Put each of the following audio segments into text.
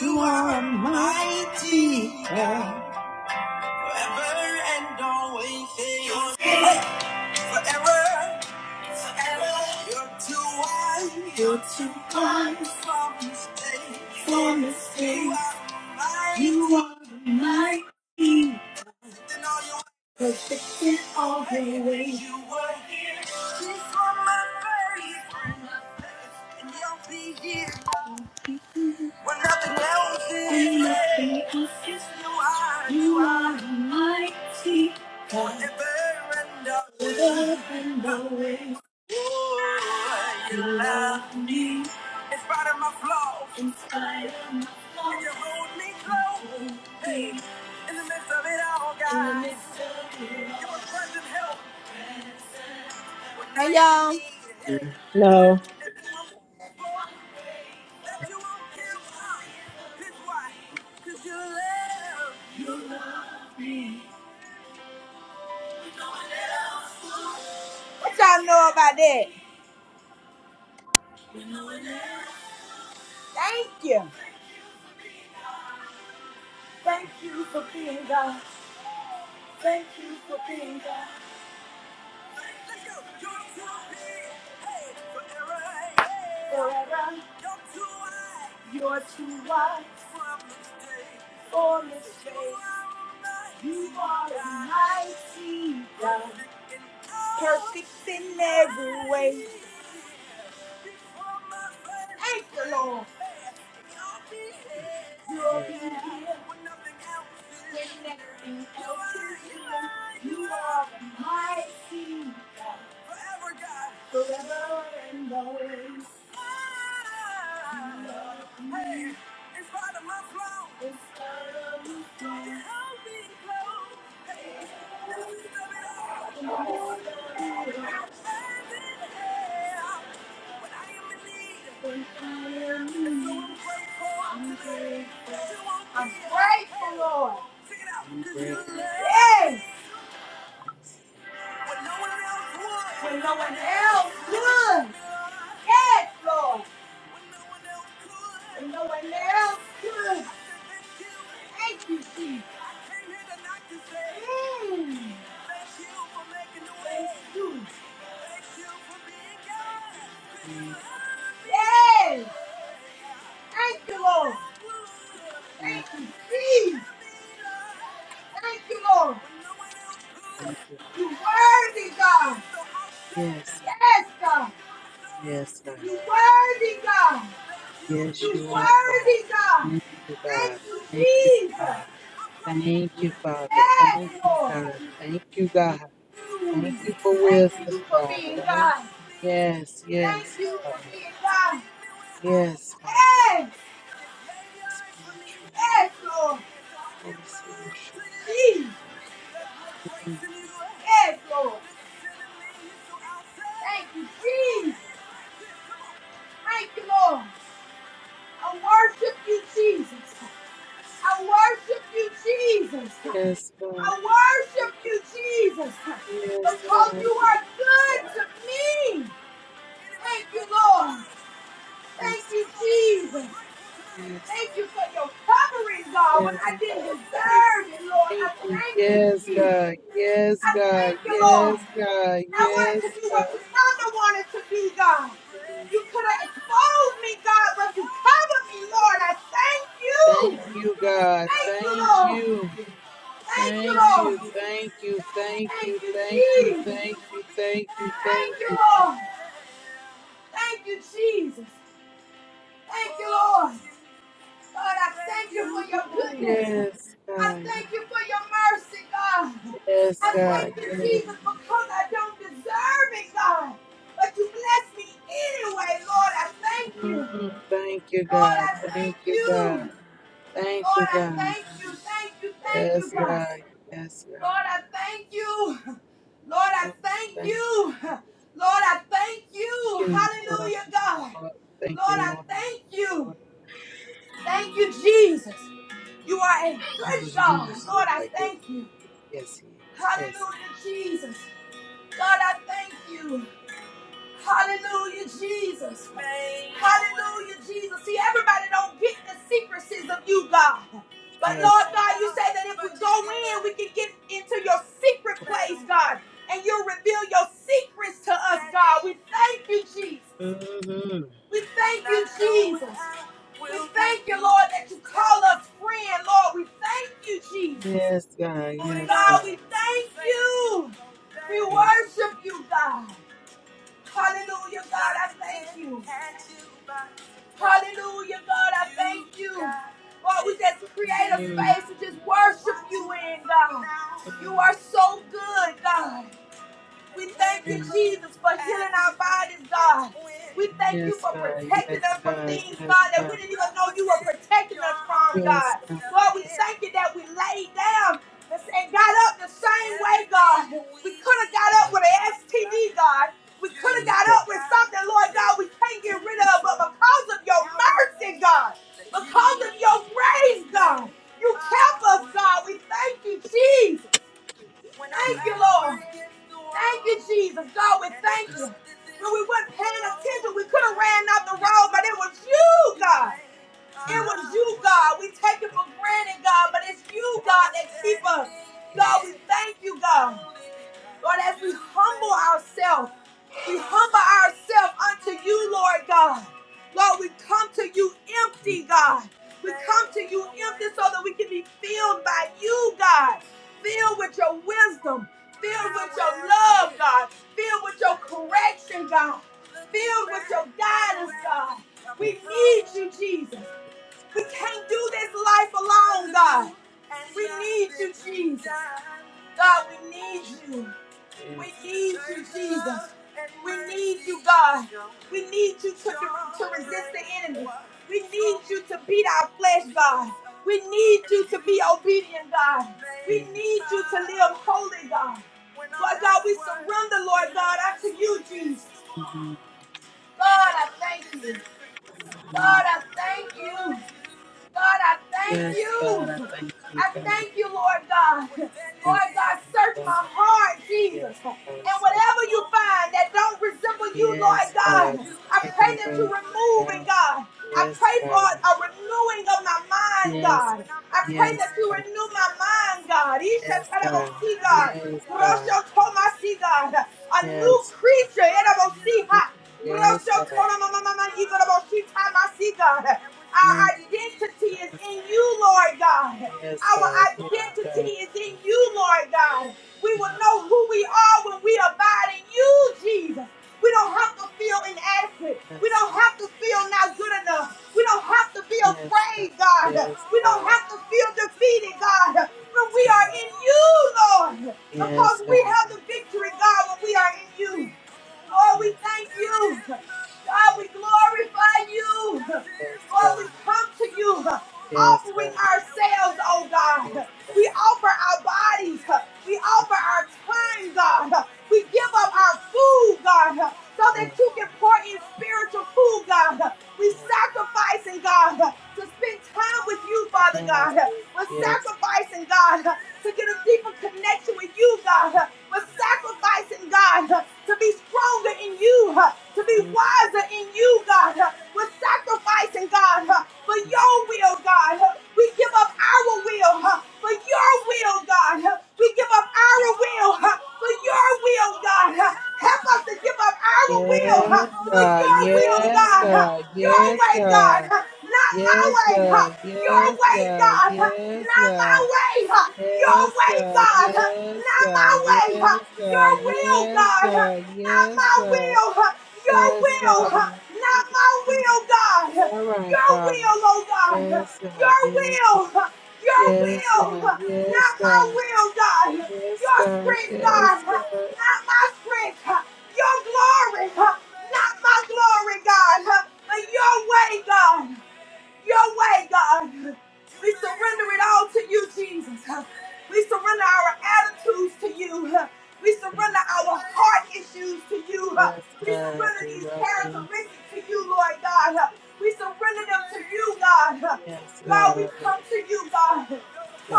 you are my teacher. Forever and always. You're forever. Forever. You're too wise. You're too wise. For mistakes. For mistakes. You are my You teacher. Perfect in all your ways. You were here. Kiss on my face. And you'll be here. When nothing else is When you are, mighty Forever and always. Forever and always. Oh, you love me. In spite of my flaws. In spite of my flaws. And you hold me close. Hey, In the midst of it all, God. In the midst of it all. You're a present help. Hey, Amen. No. y'all. that you won't give up. His why? Cause you love. You love me. What y'all know about that? Thank you. Thank you for being God. Thank you for being God. Forever, you're too wide for mistakes. You are a mighty God, perfect in every way. Thank you, Lord. You'll be Yes, here when nothing else is here. You are a mighty Forever, God. Forever and always. Ah, Hey, in spite of my flaws. In spite of my flaws. You held me close. Hey, in the midst of it all. In the midst of it all. Your hand in hand. When I am in need. When I am in And so I'm grateful I'm today. grateful. That you won't I'm be- grateful, Lord. Sing it out. I'm 'Cause you grateful. love Yes. Yes, I'm When no grateful. one else would. When no one else would. Yes, Lord. When no one else could. no Thank you, Jesus. mm. thank you Mhm. Yes. Thank you, Lord. Thank you, Jesus. Thank you, Lord. Thank you. You're worthy, God. Yes, Yes, God. yes, God. You worthy, God. You Yes, you are, Father. worthy, God. Thank you, Thank God. you, Thank you, Jesus. God. Thank you, Father. Thank Yes, you, Lord. God. Thank you, God. Thank you for Thank wisdom, you for God. being Thank you. God. Yes, Thank yes, you Father. for being God. Yes, Father. Yes. You're true. Yes, Lord. Holy Spirit, sure. Jesus. Mm. Yes, Lord. Thank you, Jesus. Thank you, Lord. I worship you, Jesus. Yes, God. I worship you, Jesus. Yes, God. I worship you, Jesus, Yes, because you God. are good to me. Thank you, Lord. Thank Yes, you, Jesus. yes, Thank you for your covering, God, when yes, I didn't God. Thank, deserve it, Lord. thank I you. thank you, Yes, Jesus. God. Yes, I God. thank you, Yes, Lord. God. I wanted Yes, to do what God. your mother wanted to do, God. You could have exposed me, God, but you covered me, Lord. I thank Thank you. you, God. Thank you, Thank Lord. you. Thank you, Thank you. Lord. Thank you. Thank you. Thank you, Thank you. Jesus. Thank you. Thank you. Thank Thank you, you. Lord. Thank you, Jesus. Thank you, Lord. God, I thank you for your Ooh, goodness. yes, I God. thank you for your mercy, God. Yes, I thank God. you, Yes. Jesus, because I don't deserve it, God. But you bless me anyway, Lord. I thank you. Mm, thank you, Lord, God. I thank Thank you, you. God. Thank you, Lord, I God. thank you. Thank you. Thank you, Yes, God. God. Yes, God. Lord, I thank you. Lord, I Lord, thank thank you. Lord, I thank you. you, Lord, Lord, Hallelujah, God. I thank you, Lord. Thank Lord, you, I Lord. thank you. Lord. Thank you, Jesus. You are a Oh, good God. yes, Lord, I Lord. thank you. yes, yes, yes, yes, Hallelujah, Jesus. God, I thank you. Hallelujah, Jesus. Hallelujah, Jesus. See, everybody don't get the secrecies of you, God. But Lord yes. God, you say that if we go in, we can get into your secret place, God. And you'll reveal your secrets to us, God. We thank you, Jesus. Mm-hmm. We thank you, Jesus. We thank you, Lord, that you call us friend. Lord, we thank you, Jesus. Yes, God, yes, God, God, we thank you. We yes. worship you, God. Hallelujah, God, I thank you. Hallelujah, God, I thank you. Lord, we just create a Mm-hmm. space to just worship you in, God. You are so good, God. We thank you, Jesus, for healing our bodies, God. We thank you Yes, for God, protecting yes, us from God, things, yes, God, that we God, didn't even know you were protecting us from, God. yes, God, Lord, we yes, God. thank you that we laid down and got up the same way, God. We could have got up with an STD, God. We could have got Yes. up with something, Lord God, we can't get rid of, but because of your mercy, God, because of your Pastor Mark, grace, God, you kept us, God. We thank you, Jesus. can you Thank you, Lord. Thank you, Jesus. God, we thank you. Yes, When we weren't paying attention, we could have ran out the road, but it was you, God. It yes, was you, God. We take it yes, for granted, God, but it's you, yes, God, that keep us. God, we yes, thank you, God. Lord, as we humble ourselves, we humble ourselves unto you, Lord God. Lord, we come to you empty, God. We come to you empty so that we can be filled by you, God. yes, Filled with your wisdom, filled with your love, God. Filled with your correction, God. Filled with your guidance, God. yes, We yes, need you, Jesus. We God, can't do this life alone, God. yes. We need you, Jesus. God, we need you. We Yes. need you, Jesus. We need you, God. We need you to, to resist the enemy. We need you to beat our flesh, God. We need you to be obedient, God. We need you to live holy, God. Lord God, we surrender, Lord God, unto you, Jesus. Mm-hmm. God, I thank you. hmm God, I thank you. God, I thank Yes, God, I you. thank you, I God. I thank you, Lord God. Thank Lord you, God, search God. my heart, Jesus. Yes, God. And So, whatever you find that don't resemble you, Lord yes, God, God. I Take it pray that you away, remove it, God. God. I Yes, pray for God. a renewing of my mind, Yes. God. I pray that Yes, you God. renew my mind, God. Isha Yes, God. Tadabosi, God. Yes, God. Rosho Tomasi, God. A new Yes. creature. Edabosi, ha. Yes, God. Mm. Our identity is in you, Lord God. Yes, Our God. Yes, identity God. is in you, Lord God. We will Yes. know who we are when we abide in you, Jesus. We don't have to feel inadequate. We Yes, don't God. have to feel not good enough. We don't have to be Yes, God. afraid, God. Yes, We don't God. have to feel defeated, God. But we are in you, Lord. Because Yes, God. Yes. we God. have the victory, God, when we are in you. Oh, we Yes, thank you. God, we glorify you. yes, yes, Lord, we God. come to you Yes, offering God. ourselves, oh Yes, God. God. We offer our bodies. We offer our time, God. We give up our food, God, so that Yes, you can pour in spiritual food, God. We yes, God. sacrificing, God, to spend time with you, Father yes, God. We're yes. sacrificing, God, to get a deeper connection with you you, God, uh, but sacrificing, God, uh, to be stronger in you, uh, to be Mm. wiser in you, God, uh, we're sacrificing, God, uh, for your will, God. uh, We give up our will uh, for your will, God. uh, We give up our will uh, for your will, God. uh, Help us to give up our will Yes, uh, for God. your will, Yes, God. uh, God. Your Yes, way, God, God. uh, not my Yes, way. uh, God. Your Yes, way, God. God. uh, Yes, not God. my way, huh? your Yes, way, God. God. huh? Yes, Not my God. way, huh? Yes, your God. will, Yes, God. huh? God. Not Yes, my God. will, huh? your Yes, will, huh? Father. not my Mhm. will, God. huh? All right, Your Father. will, oh God. huh? Yes, God. Your Yes, will, God. huh? your Yes, will, God. huh? Yes, not my God. will, God. huh? Yes, Your God. strength, God, Yes, huh? God. not my strength. huh? Your glory, huh? not my glory, God, huh? but your way, God your way, God. We surrender it all to you, Jesus. We surrender our attitudes to you. We Yes, surrender our heart issues to you. yes, We God, I surrender these do, I do. characteristics to you, Lord God. We surrender them to you, God. Yes, God, God, we I do, come to you, God.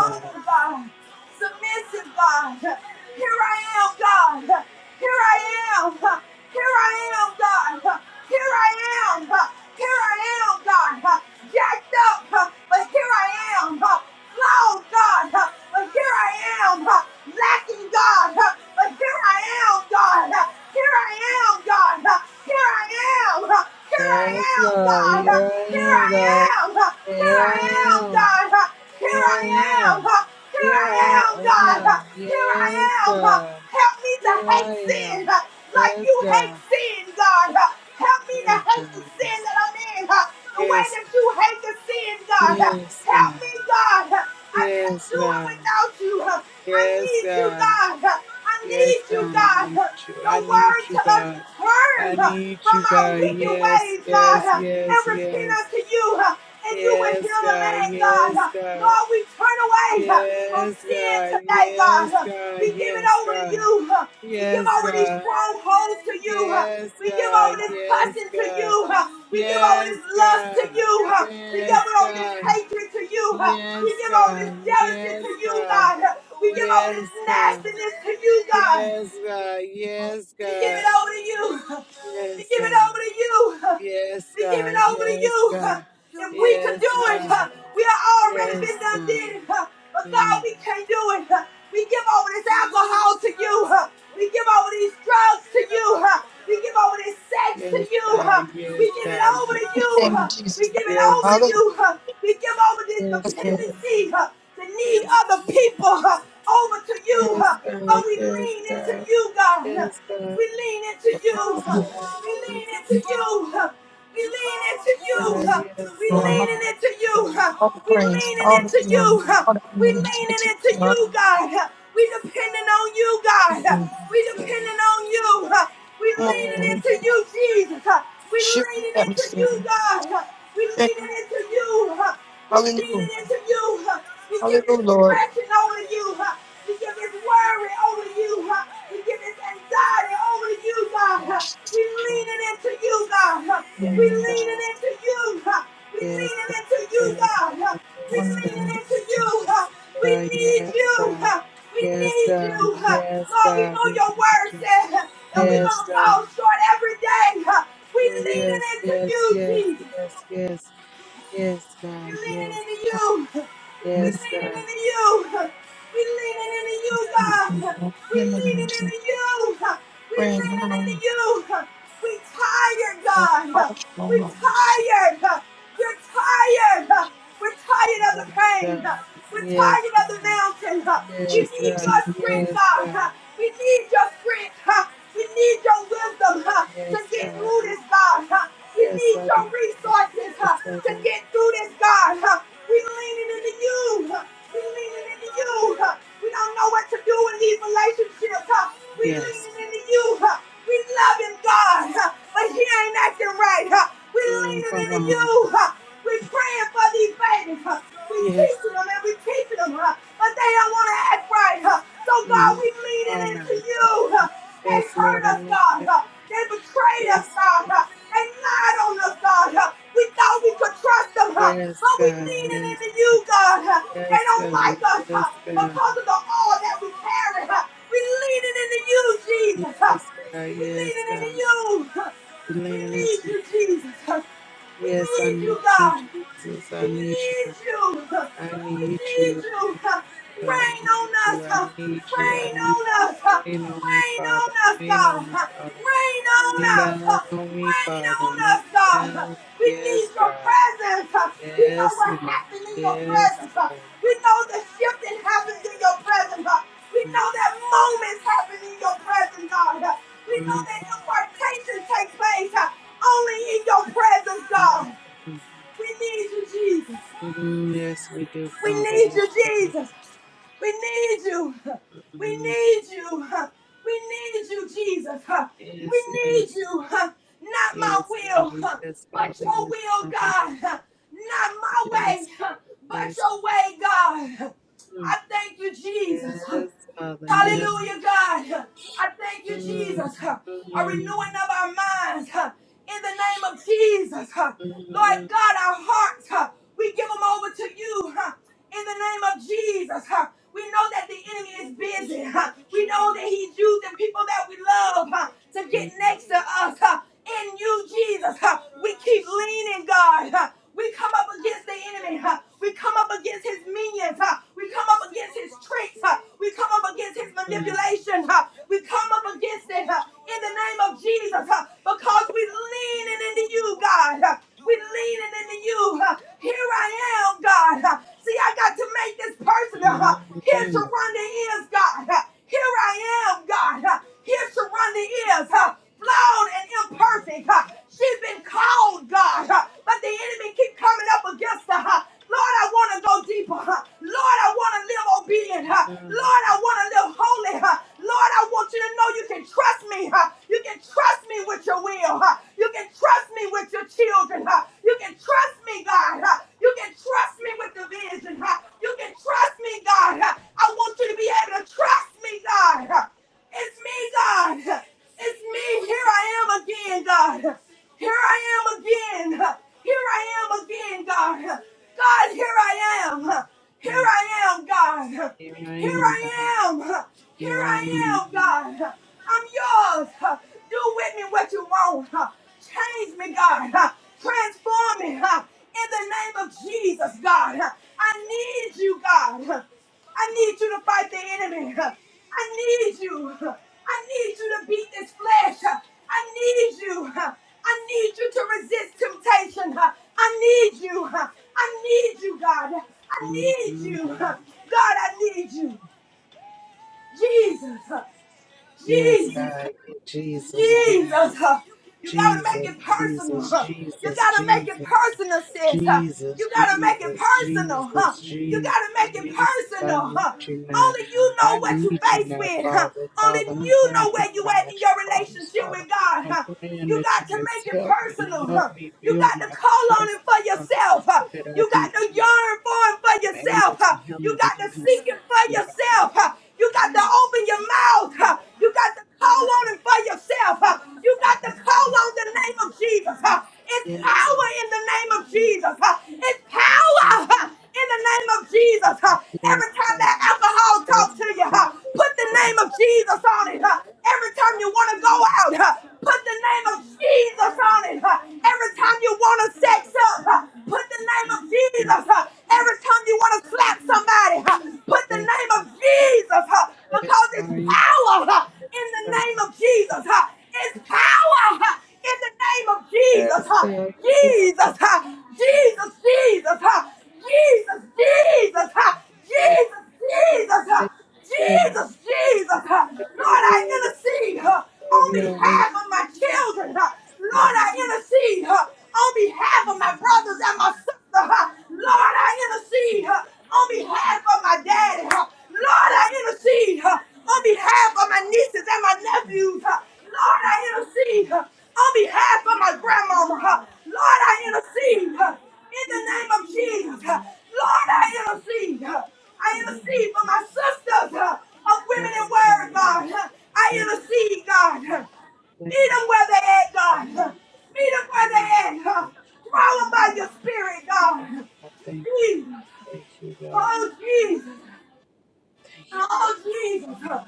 God. God. Submissive, God. Here I am, God. Here I am am. Here I am, God. Here I am. Here I am, God. Jacked up, but here I am. Flawed, God, but here I am. Lacking, God, but here I am, God. Here I am, God. Here I am. Here I Yes, am, God, God. here I Here am, I God. am. Here Here I I am, am. God. Here Here I am. I am. Here Here I I am, God. am. Here I Yes, am. God. Help me to Here I hate am. sin like Yes, you hate God. sin, God. Help me to Oh, God, hate the sin yes. that I'm in the way Yes, that you hate the sin, God. yes, Help God. me, God. I can't Yes, do it God. without you. I Yes, need you, God. God. I Yes, need you, God, I God. need you. Your I need word you, tell us to God. I turn need from you, our God. wicked Yes, ways, yes, God uh, and yes, repent yes. unto you, uh, and you will Yes, heal the God. land, God. Yes, Uh, God. Lord, we turn away uh, from Yes, sin God. today, Yes, God. Uh, God. we give it Yes, over to God. you. uh, we give Yes, over these God. strongholds to you. uh, Yes, we give over this cussing to you. God. uh, we give over Yes, this lust to God. you. uh, we give Yes, over this God. hatred to you. uh, we Yes, give over this God. jealousy to Yes, you, God. God. uh, we give over Yes, this God. nastiness to you, God. Yes, God. Yes, We give it God. over to you. We Yes, God. Yes, God. Yes, give it God. over to you. Yes, We give it over to you. God. If we could do Yes, it, God. we have already been Yes, done God. did. But God, Mm. we can't do it. We give over this alcohol to you. We give over these drugs to you. We give over this sex to Yes, you. God. We Yes, give it God. over to Yes, you. name God. of We Jesus. give it over Yes, All to the you. We give over this yes, yes, God. Lord. dependency, the need Yes, of the people over unto you. yes, huh? God. Oh, we Yes, lean into God. you, God. Yes, God. We lean into you. Yes, huh? We lean into Yes, you. huh? We lean into God. you. huh? Yes, We God. leaning into you. huh? all the We praise, leaning all the into glory, you. huh? all the We glory. Just leaning make it into clear, all you, God. huh? We depending on you, the God. huh? glory. We Yes, God. depending on you. huh? We Come on, Yes, leaning Lord. God. into you, Jesus. huh? We shift leaning the into atmosphere. you, God. huh? We Thank you. leaning into you. huh? We Hallelujah. leaning into to you. huh? We give Hallelujah, this Lord. depression over to you. huh? We give this worry over to you. huh? We give this anxiety over to you, God. huh? We Yes, lean yes, it into you, God. huh? We yes, God. Yes, Amen. lean God. it into you. huh? We lean Yes, it into you, God. God. huh? We Yes, God. Uh, lean it Wonderful. into you. huh? We need Yes, you. God. huh? We Yes, need you. God. huh? Yes, Lord, we God. know We your need word you. said huh, You that know, we're this going Yes, to is fall God. short every day. huh? We lean it Yes, into you, yes, yes, Jesus. yes, yes. Yes, We're God. leaning Yes, into what you. we We're need Yes, leaning for God. into you. We're leaning into you, you, God. In the We're name of leaning Jesus. into you. We're Praying leaning into now, you. We're tired, Lord, all God. the We're glory. Jesus. tired. We're tired. We're tired of Yes, the God. pain. We're Yes, tired of the God. mountain. We Yes, need your God. strength, Yes, God. God. We need your strength. We need your wisdom to Yes, get God. through We- this, God. huh? We Yes, need I your do. God. resources huh, Yes, I to do. get through this, God. huh? We leaning into you. huh? We leaning into you. huh? We don't know what to do in these relationships. huh? We Yes. leaning into you. huh? We love him, God, huh? but he ain't acting right. huh? We Mm, leaning come into on. you. now. huh? We praying for these babies. huh? We Yes. teaching them and we teaching them, huh? but they don't want to act right mind. huh? So, God, Mm, we come leaning on now. into you. Talk to huh? me. They Yes, hurt Lord, I'm us, God. listening. huh? They betrayed us, Yes. God. huh? They lied on us, God. huh? We thought we could trust them, huh? Yes, but we God. leaning Yes, into you, God. God. huh? They Yes, don't God. like us huh? Yes, God. because of the all that we carry. huh? We leaning into you, Jesus. huh? Yes, God. We Yes, leaning into God. you. huh? We're We leaning need into you. you, Jesus. huh? We Yes, I need you, need you, God. Jesus. I We need you, need God. you. I We need need you. you. I Rain need on us. you, I need you, I Rain need on us. you. Rain on me, Rain Father, on us, rain on me, God. Father. Rain on Rain us. down on me, Rain Father, on rain us, God. down. We need Yes, your God. presence. We know Yes, what God. happened in your Yes, presence. God. We know the shifting happens in your presence. We Mm, know that moments happen in your presence, God. We know mm, mm, that impartation takes place only in your presence, God. mm, We need you, Jesus. mm, mm. Yes, we do, We Father. need Yes, you, we do. Jesus. We need you. We Mm, need you. We need you, Jesus. We Yes, need yes, you. Not my yes, will, Father. Yes, but Father. your Yes, will, Father. God. Not my way, Yes, but yes. your way, God. Mm. I thank you, Jesus. Yes, Father. Yes. Hallelujah, God. I thank you, Mm, Jesus. A mm, renewing of our minds in the name of Jesus. Lord mm, God, our hearts, we give them over to you in the name of Jesus. We know that the enemy is busy. We know that he's using people that we love to mm, get next to us. In you, Jesus, we keep leaning, God. We come up against the enemy. huh? We come up against his minions. huh? We come up against his tricks. huh? We come up up against his Mm, manipulation. huh? We come up against it huh, in the name of Jesus huh, because we leaning into you, God. huh. We leaning into you. huh. Here I am, God. huh. See, I got to make this personal. huh. mm, Here mm, Sharonda is, God. huh. Here I am, God. huh. Here Sharonda is, huh, flawed and imperfect. huh. She's been called, God, huh, but the enemy keep coming up against her. huh. Lord, I want to go deeper. huh. Lord, I want to live obedient. huh. mm, Lord, I I want to live holy. huh? Lord, I want you to know you can trust me. huh? You can trust me with your will. huh? You can trust me with your children. huh? You can trust me, God. huh? You can trust me with the vision. huh? You can trust me, God. huh? I want you to be able to trust me, God. huh? It's me, God. huh? It's me. Here I am again, God. Here I am again. Here I am again, God. God, here I am. Here mm. I am, God. Here I Here am, God. I am. Here Here I I am. am, God. I'm yours. Do with me what you want. Change me, God. Transform me in the name of Jesus, God. I need need you, God. I need you to fight the enemy. I need you. I need you to beat this flesh. I need you. I need you to resist temptation. I need you. I need you, God. mm I need mm. you. God, I need you. Jesus. Yes, God. Jesus. Jesus, Jesus, Jesus, uh, you gotta make Jesus, it personal. Jesus, huh? You Jesus, gotta make it Jesus, personal, sis. huh? You Jesus, gotta make it Jesus, personal. huh? Jesus, You Jesus, gotta make it Jesus. I personal. need huh? you now. Only you I know what you need you face now, with. huh? Father. Only Father, I'm you going know through where you at in financial your problems, relationship with Father. God. I'm huh? praying You that you got to just make it help me, personal. help huh? me You build got my to call on Him capacity, for Father, yourself. huh? so that I You be got to yearn for Him for I'm able yourself. to huh? You handle the got to seek capacity Him for that you have. yourself. huh? You got to open your mouth. huh? You got to call on Him for yourself. huh? You got to call on the name of Jesus. huh? It's Yes, power in the name of Jesus. huh? It's power. yes, huh? in the name of Jesus. huh? God. Yes, Every time God. that alcohol talks Yes, to you, huh, believe put the name of Jesus on it. huh? Every time you want to go out, huh, put the name of Jesus on it. huh? Every time you want to sex up, huh, put the name of Jesus. huh? Every time you want to slap somebody, huh, put the Yes, name of God. Jesus huh, Yes, because God. it's Yes, power huh, in the God. name of Jesus. huh? It's power huh, in the name of Yes, God. Jesus. Yes, God. yes, huh? yes, Jesus, huh? Jesus, Jesus, huh? Jesus, Jesus, ha, Jesus, Jesus, ha, yes, God. Jesus, Yes, Jesus. ha. have your Lord, I way, Holy intercede ha, Spirit. Have on your Holy behalf of my children. ha. Lord, Spirit. I intercede ha, on behalf of my brothers and my sisters. ha. Lord, I intercede ha, on behalf of my daddy. ha. Lord, I intercede ha, on behalf of my nieces and my nephews. ha. Lord, I intercede ha, on behalf of my grandmama. ha. Lord, I intercede in the name of Jesus. Lord, I intercede. I intercede for my sisters uh, of women in Yes, God. word, God. I Yes, intercede, God. thank Meet them where they at, God. Meet them where they at. Draw them by your spirit, God. God. Thank, Jesus. thank you, God. Oh, Jesus. Thank you. God. Oh Jesus. huh?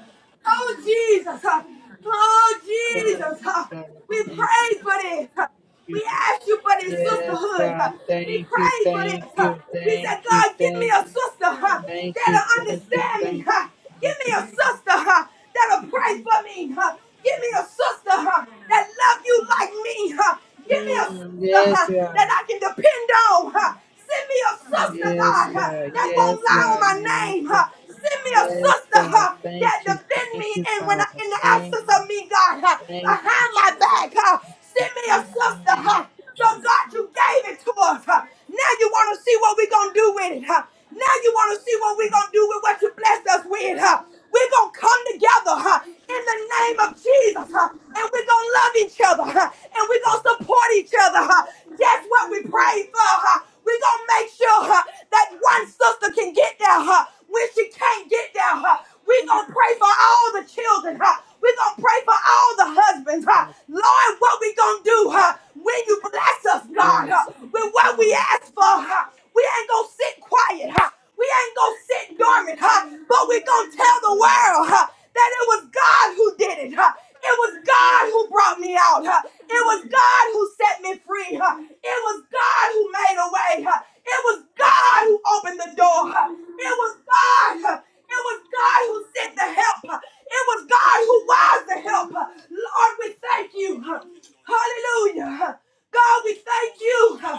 Oh Jesus. huh? Oh Thank you, Jesus. huh? God. We Thank pray for this. huh? you. We God. ask you for this Yes, sisterhood. huh? God. We Thank you, pray for thank this. huh? you, We said, thank you, God, give me thank a you, sister huh? thank you, that'll thank you, understand me. thank you, huh? Give thank me you. a sister. huh? that'll pray for me. huh? Give me a sister huh, that love you like me. huh? Give me a Mm, sister yes, huh, that God. I can depend on. huh? Send me a sister, God, Yes, huh, God. that Yes, won't lie on God. my Yes, name. God. huh? Send me a Yes, sister God. huh, that Thank you, defend thank me you, and when I, Father. in the Thank absence you, of me, God, huh, thank you, behind my Jesus. back. huh? Send me a sister. Thank huh, you, so Jesus. God, you gave it to us. huh? Now you want to see what we're going to do with it. huh? Now you want to see what we're going to do with what you blessed us with. huh? We're going to come together huh, in the name of Jesus. huh, And we're going to love each other. huh, And we're going Jesus. to support each other. huh. That's what we pray for. huh. We're going to make sure huh, that one sister can get there huh, when she can't get there. huh. We're going to pray for all the children. huh. We're going to pray for all the husbands. huh. Lord, what we going to do huh, when you bless us, God, huh, Yes, with what we ask for. huh, We ain't going to sit quiet. huh. We ain't gonna sit dormant, huh? But we gonna tell the world, huh? That it was God who did it, huh? It was God who brought me out, huh? It was God who set me free, huh? It was God who made a way, huh? It was God who opened the door, huh? It was God, huh? It was God who sent the help, huh? It was God who was the help, huh? Lord, we thank you, huh? Hallelujah, huh? God, we thank you, huh?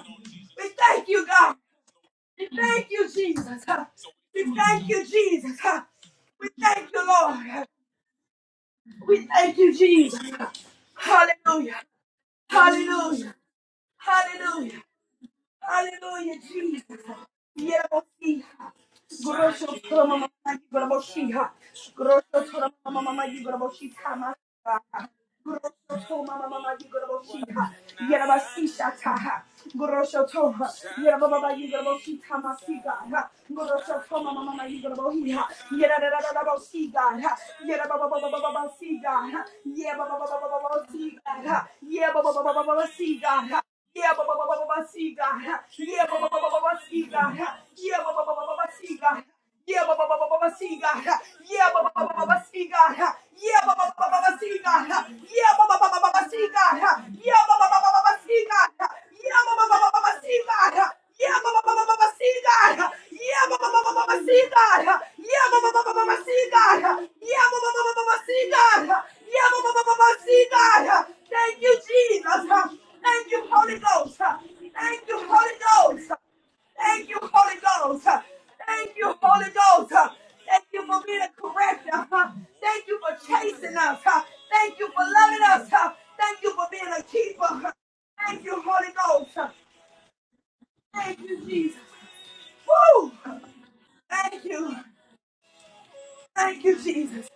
We thank you, God. Thank you, Jesus. We thank you, Jesus. We thank you, Lord. We thank you, Jesus. Hallelujah. Hallelujah. Hallelujah. Hallelujah, Jesus. Yerabosiha. Grosho toro mama mama yigraboshiha. Grosho toro mama mama yigraboshiha masaha. Grosho toro mama mama yigraboshiha. Yerabasisha taha. Grosho toro yerababa yigraboshiha masiga. Grosho toro mama mama yigrabohiha. Yerababababosiga. Yerabababababasiga. Yerabababababasiga. Yerabababababasiga. Yeah, baba baba ba ba ba ba, see God. Yeah, baba baba ba ba ba ba, see God. Yeah, baba baba ba ba ba ba, see God. Yeah, baba baba ba ba ba ba, see God. Yeah, baba baba ba ba ba ba, see God. Yeah, baba baba ba ba ba ba, see God. Yeah, baba baba ba ba ba ba, see God. Yeah, baba baba ba ba ba ba, see God. Yeah, baba baba ba ba ba ba, see God. Yeah, baba baba ba ba ba ba, see God. Yeah, baba baba ba ba ba ba, see God. Yeah, baba baba ba ba ba ba, see God. Yeah, baba baba ba ba ba ba, see God. Yeah, baba baba ba ba ba, see God. Thank you, Jesus. Thank you, Holy Ghost. Thank you, Holy Ghost. Thank you, Holy Ghost. Thank you, Holy Ghost. Thank you for being a corrector. Thank you for chasing us. Thank you for loving us. Thank you for being a keeper. Thank you, Holy Ghost. Thank you, Jesus. Woo! Thank you. Thank you, Jesus.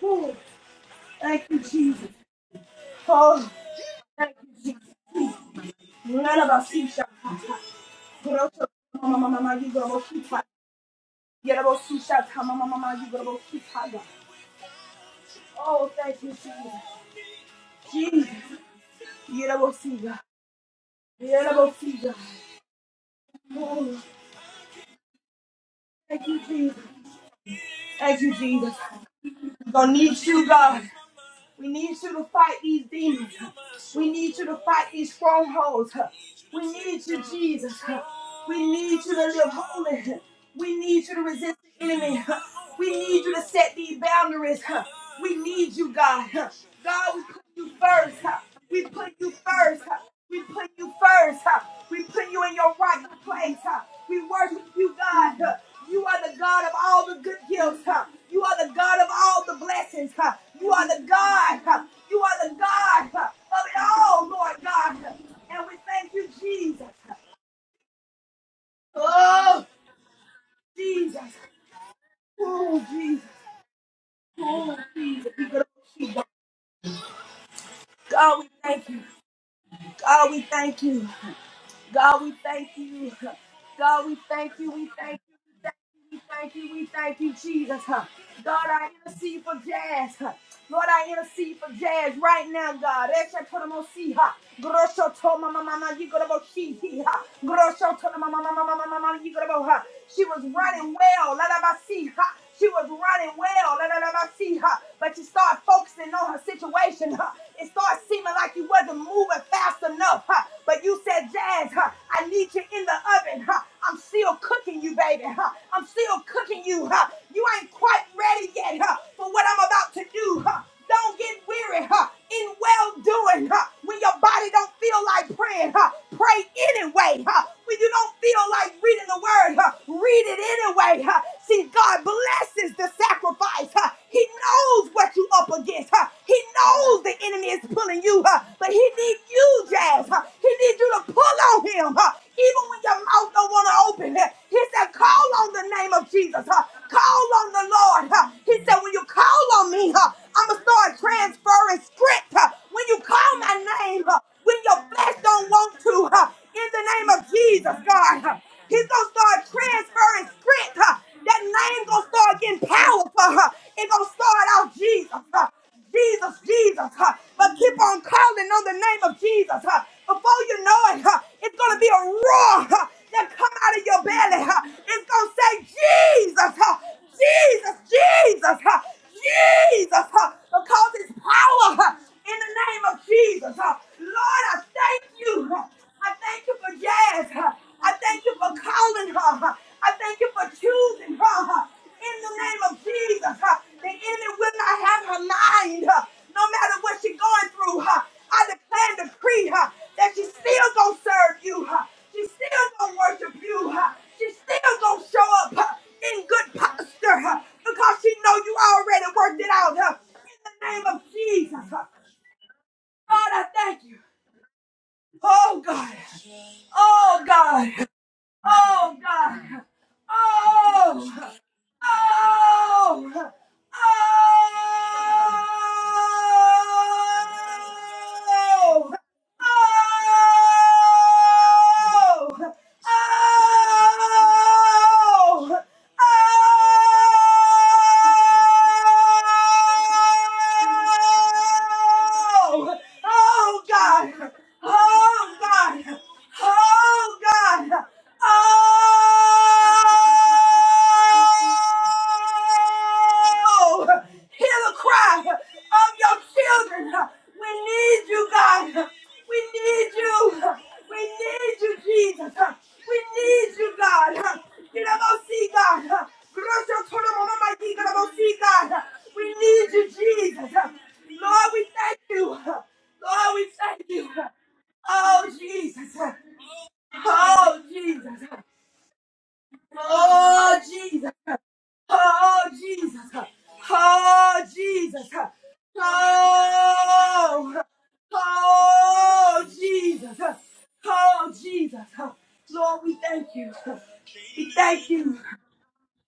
Woo. Thank you, Jesus. Oh, thank you, Jesus. None of us see you. Kuroto, mama, mama, you to go keep high. Yet I will see shots, how mama, mama, you to go keep high. Oh, thank you, Jesus. Jesus, yet I will see God. Yet I will see God. Oh, thank you, Jesus. Thank you, Jesus. we gonna need you, God. We need you to fight these demons. We need you to fight these strongholds. We need you, Jesus. We need you to live holy. We need you to resist the enemy. We need you to set these boundaries. We need you, God. God, we put you first. We put you first. We put you first. We put you in your rightful place. We worship you, God. You are the God of all the good gifts. You are the God of all the blessings. You are the God. You are the God of it all, Lord God. And we thank you, Jesus. Oh! Jesus. Oh, Jesus. Oh, Jesus. We go to see God, we thank you. God, we thank you. God, we thank you. God, we thank you. We thank you. We thank you. We thank you. We thank you, Jesus. huh. God, I intercede for Jazz. huh. Lord, I intercede for Jazz right now, God. Esha tono mo si, huh. Grosho to ma ma ma ma, you gonna go she, huh. Grosho to na ma ma ma ma ma ma ma, you gonna go, huh. She was running well. La la ba si, huh. She was running well, la, la, la, la, see her, but you start focusing on her situation. Huh? It starts seeming like you wasn't moving fast enough. Huh? But you said, Jazz, huh? I need you in the oven. Huh? I'm still cooking you, baby. Huh? I'm still cooking you. Huh? You ain't quite ready yet huh? for what I'm about to do. Huh? Don't get weary huh, in well doing. Huh, when your body don't feel like praying, huh, pray anyway. Huh, when you don't feel like reading the word, huh, read it anyway. Huh. See, God blesses the sacrifice. Huh. He knows what you up against. Huh. He knows the enemy is pulling you, huh, but he needs you, Jazz. Huh. He needs you to pull on him, huh, even when your mouth don't want to open. Huh. He said, call on the the name of Jesus. huh? Call on the Lord. huh? He said, when you call on me, huh, I'm going to start transferring script. huh? When you call my name, huh, when your flesh don't want to, huh, in the name of Jesus, God, huh, he's going to start transferring script. huh? That name going to start getting powerful. huh? It going to start out Jesus. huh? Jesus, Jesus. huh? But keep keep on calling on the name of Jesus. huh? Before you know it, huh, it's going to be a roar huh, that come out of your belly. huh? It's going to say, Jesus, huh, Jesus, Jesus, huh, Jesus, huh, because it's power huh, in the name of Jesus. huh? Lord, I thank you. huh, I thank you for Jazz. huh, I thank you for calling her. huh, I I thank you for choosing her huh, in the name of Jesus. huh. The enemy will not have her mind, huh, no matter what she's going through. huh. I declare and decree huh, that she's still going to serve you. huh. She's still going to worship you. huh. She's still going to show up huh, in good posture huh, because she know you already worked it out. huh, In the name of Jesus. huh. God, I thank you. Oh, God. Oh, God. Oh, God. Oh. Oh! Oh! Oh! Oh! Oh! Oh, God! Oh, God! Oh, God! Oh! Oh, hear the cry of your children. We need you, God. We need you. We need you, Jesus. We need you, God. Get up and see God. Bless your total moment, my dear. Get up and see God. We need you, Jesus. Lord, we thank you. Lord, we thank you. Oh Jesus. Oh Jesus. Oh Jesus. Oh, Jesus. Oh, Jesus. Oh, oh, Jesus. Oh, Jesus. Lord, we thank you. We thank you.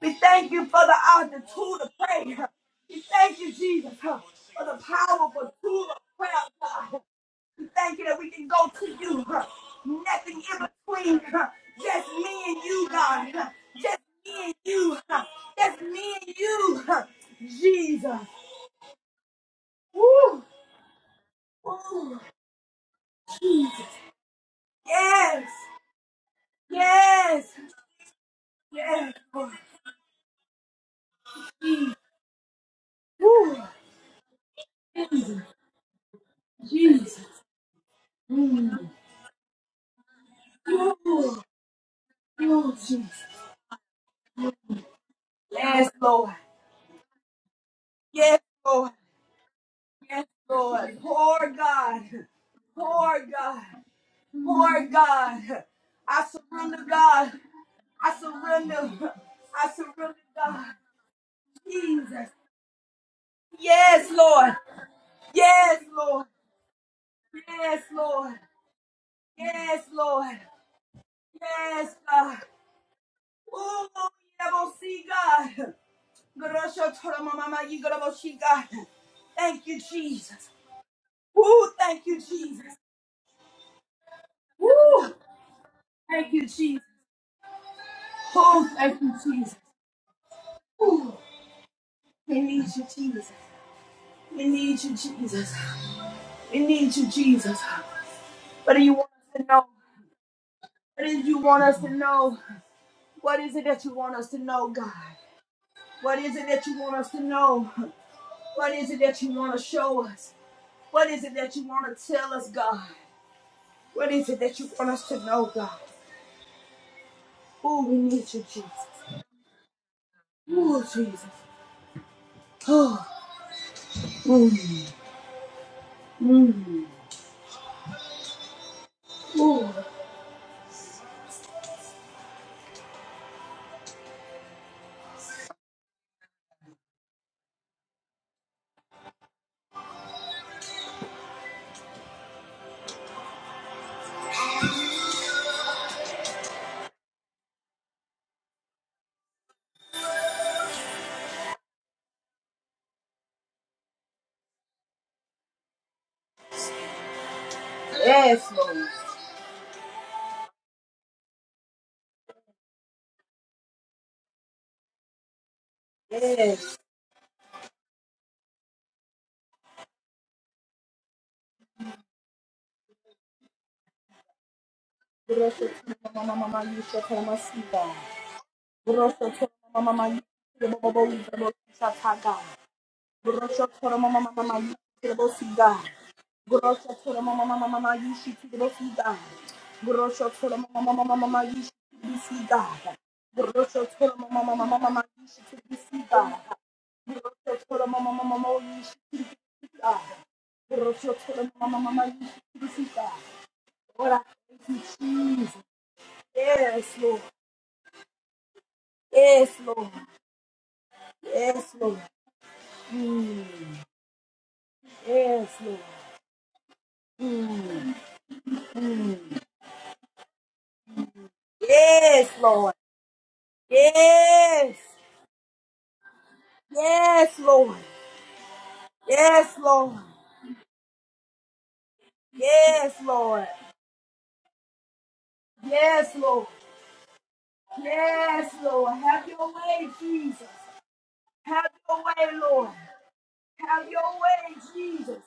We thank you for the, uh, the tool to pray. We thank you, Jesus, huh, for the powerful tool of prayer, God. We thank you that we can go to you. huh? Nothing in between. huh? Just me and you, God. huh? Just me and you. huh? Just me and you. huh? Jesus. Woo. Yes. Yes. Yes, Lord. Woo. Jesus. Yes, Lord. Yes, Lord. Yes, Lord. Poor God. Poor God. Poor God. I surrender, God. I surrender. I surrender, God. Jesus. Yes, Lord. Yes, Lord. Yes, Lord. Yes, Lord. Yes, God. Oh, yeah, we'll see, God. Grosho toro mama ma yi goro mo shi, God. Thank you, Jesus. Woo, thank you, Jesus. Woo, thank you, Jesus. Oh, thank you, Jesus. Ooh, we need you, Jesus. We need you, Jesus. We need you, Jesus. What do you want us to know? What do you want us to know? What is it that you want us to know, God? What is it that you want us to know? What is it that you want to show us? What is it that you want to tell us, God? What is it that you want us to know, God? Oh, we need you, Jesus. Oh, Jesus. Oh, mm, mm, oh. Yes, Lord. Grosso, Lord, I thank you, Jesus. Yes, Lord. Yes, Lord. Yes, Lord. Yes, Lord. Mm. Yes, Lord. Yes. Yes, Lord. Yes, Lord. Yes, Lord. Yes, Lord. Yes, Lord. Have your way, Jesus. Have your way, Lord. Have your way, Jesus.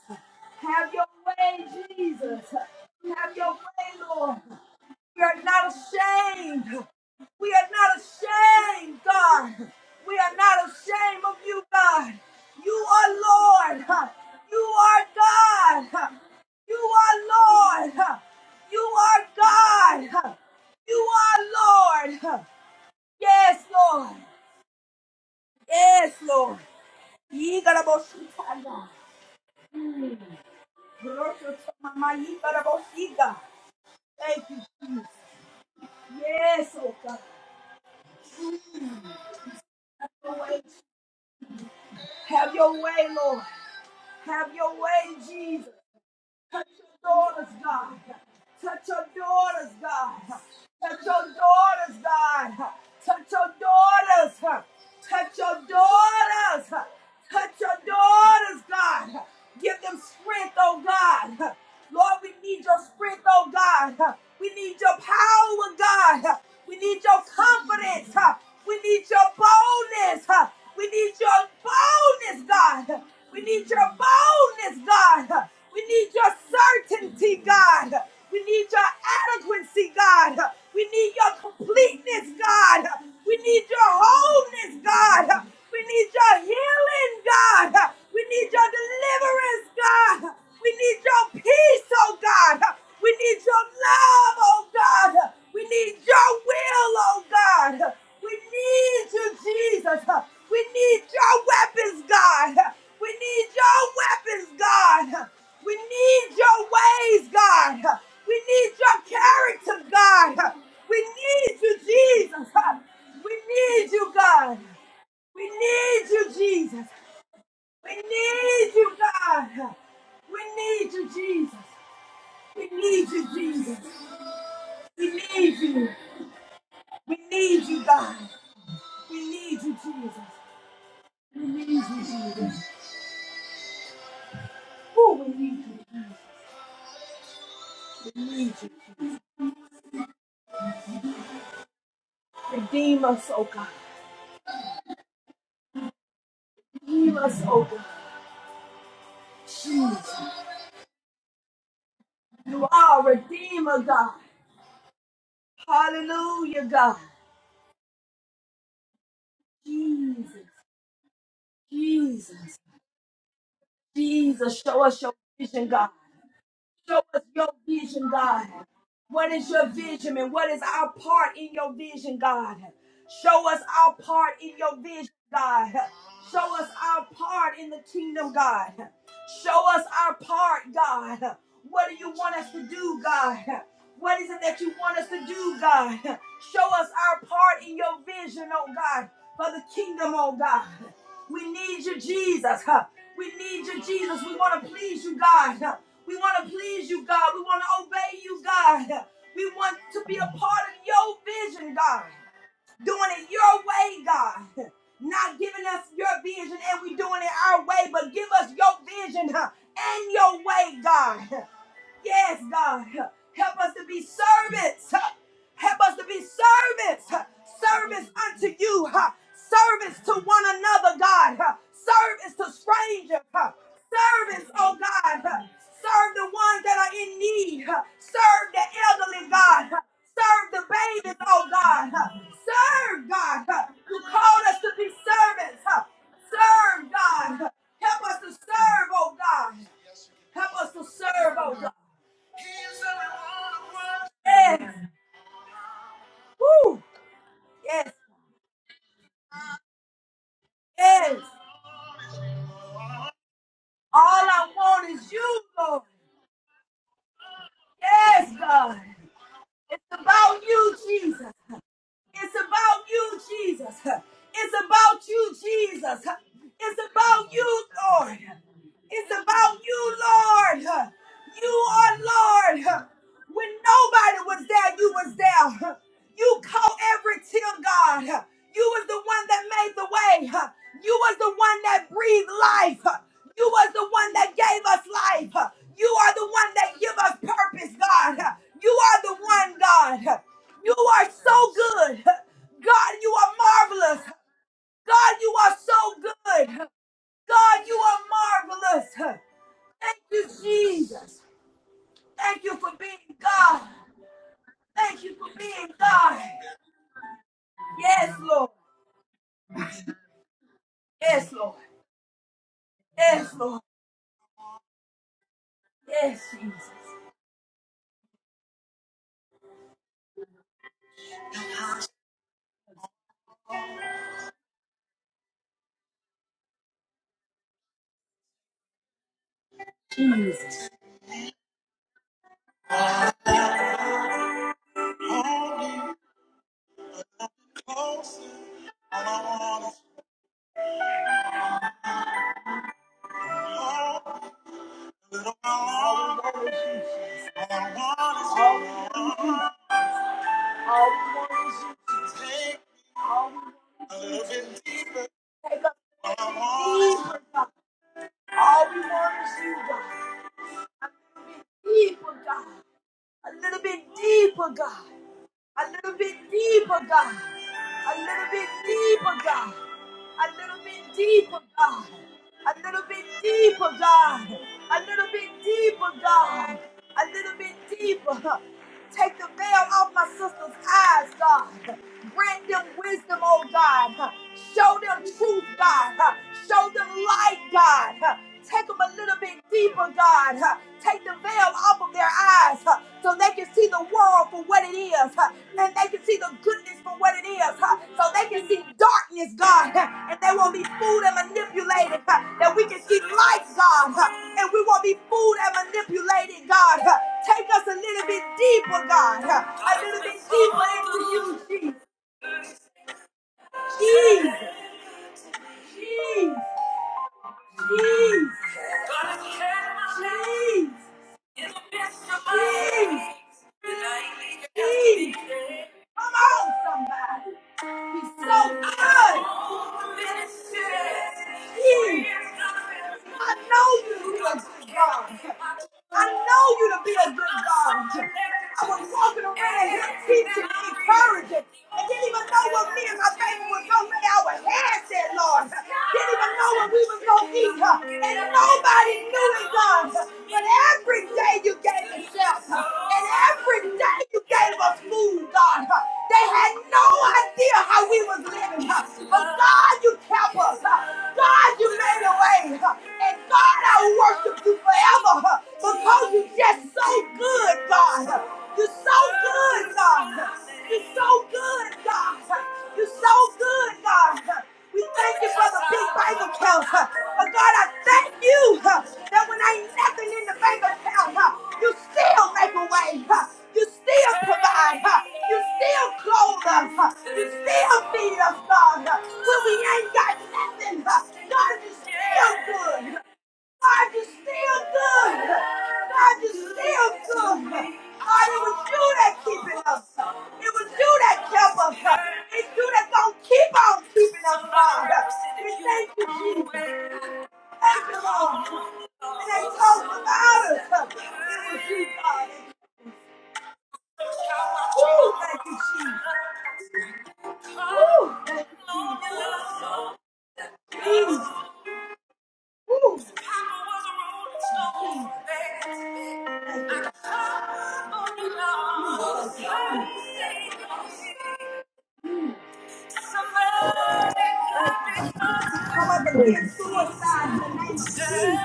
Have your way, Jesus. Have your way, Lord. We are not ashamed. We are not ashamed, God. We are not ashamed of you, God. You are Lord. You are God. You are Lord. You are God. You are Lord. Yes, Lord. Yes, Lord. Yigaraboshitada. Roshotomama yigaraboshiga. Thank you, Jesus. Yes, oh God. Have your way. Have your way, Lord. Have your way, Jesus. Touch your daughters, God. Touch your daughters, God. Touch your daughters, God. Touch your daughters. Touch your daughters. Touch your daughters, God. Give them strength, oh God. Lord, we need your strength, oh God. We need your power, God. We need your confidence. We need your boldness. We need your boldness, God. We need your boldness, God. We need your certainty, God. We need your adequacy, God. We need your completeness, God. We need your wholeness, God. We need your healing, God. We need your deliverance, God. We need your peace, oh God. We need your love, oh God. We need your will, oh God. We need you, Jesus. We need your weapons, God. We need your weapons, God. We need your ways, God. We need your character, God. We need you, Jesus. We need you, God. We need you, Jesus. We need you, God. We need you, Jesus. We need you, Jesus. We need you. We need you, God. We need you, Jesus. Oh, we need you. We need you. Redeem us, oh God. Redeem us, oh God. You are Redeemer, God. Hallelujah, God. Jesus, Jesus, Jesus, show us your vision, God. Show us your vision, God. What is your vision and what is our part in your vision, God? Show us our part in your vision, God. Show us our part in the kingdom, God. Show us our part, God. What do you want us to do, God? What is it that you want us to do, God? Show us our part in your vision, oh God, for the kingdom, oh God. We need you, Jesus. huh? We need you, Jesus. We want to please you, God. huh? We want to please you, God. We want to obey you, God. Huh? We want to be a part of your vision, God. Doing it your way, God. Huh? Not giving us your vision and we doing it our way, but give us your vision huh, and your way, God. Huh? Yes, God. Help us to be servants. Help us to be servants. Service unto you. Service to one another, God. Service to strangers. Service, oh God. Serve the ones that are in need. Serve the elderly, God. Serve the babies, oh God. Serve, God. You called us to be servants. Serve, God. Help us to serve, oh God. Help us to serve, oh God. Yes. Woo. Yes. Yes. All I want is you, Lord. Yes, God. It's about you, Jesus. It's about you, Jesus. It's about you, Jesus. It's about you, Lord. It's about you, Lord. You are Lord. When nobody was there, you was there. You caught every tear, God. You was the one that made the way. You was the one that breathed life. You was the one that gave us life. You are the one that give us purpose, God. You are the one, God. You are so good. God, you are marvelous. God, you are so good. God, you are marvelous. Thank you, Jesus. Thank you for being God. Thank you for being God. Yes, Lord. Yes, Lord. Yes, Lord. Yes, Jesus. Jesus. Come closer. All I want is more. A little while longer. All I want is All All we want is you. Take me a little bit deeper. Take us deeper, God. All we want is you, God. A little bit deeper, God. A little bit deeper, God. A little bit deeper, God. A little bit deeper, God. A little bit deeper, God. A little bit deeper, God. A little bit deeper, God. A little bit deeper. Take the veil off my sister's eyes, God. Grant them wisdom, oh God. Show them truth, God. Show them light, God. Take them a little bit deeper, God. huh. Take the veil off of their eyes huh, so they can see the world for what it is huh, and they can see the goodness for what it is huh, so they can see darkness, God, huh, and they won't be fooled and manipulated. huh, That we can see light, God, huh, and we won't be fooled and manipulated, God. huh. Take us a little bit deeper, God, huh, a little bit deeper into you. Jesus, Jesus, Jesus, Jesus, Jesus. Come on, somebody. is so good. He, I know you, good God. I know you to be a good God. I was walking around here teaching, encouraging, and didn't even know what me and my baby was going to lay our hands at, Lord. Didn't even know what we was going to eat, huh? and nobody knew it, God. But every day you gave us shelter, and every day you gave us food, God. They had no idea how we was living, huh? but God, you kept us. huh? God, you made a way, huh? and God, I worship love you forever huh, because you're just so good, God. You're so good, God. You're so good, God. You're so good, God. We thank you for the big bank account. huh. But God, I thank you huh, that when ain't nothing in the bank account, huh, you still make a way. huh. You still provide. huh. You still clothe us. huh. You still feed us, God. huh. When we ain't got nothing, huh, God, you still good. God, you're still good. God, you're still good. God, it was you that keeping us. It was you that kept us. It's you that's gonna keep on keeping us, God. We thank you, Jesus. Thank you, Lord. And they talked about us. It was you, God. Ooh, thank you, Jesus. Ooh, ooh, ooh. We come up against suicide in the name of Jesus.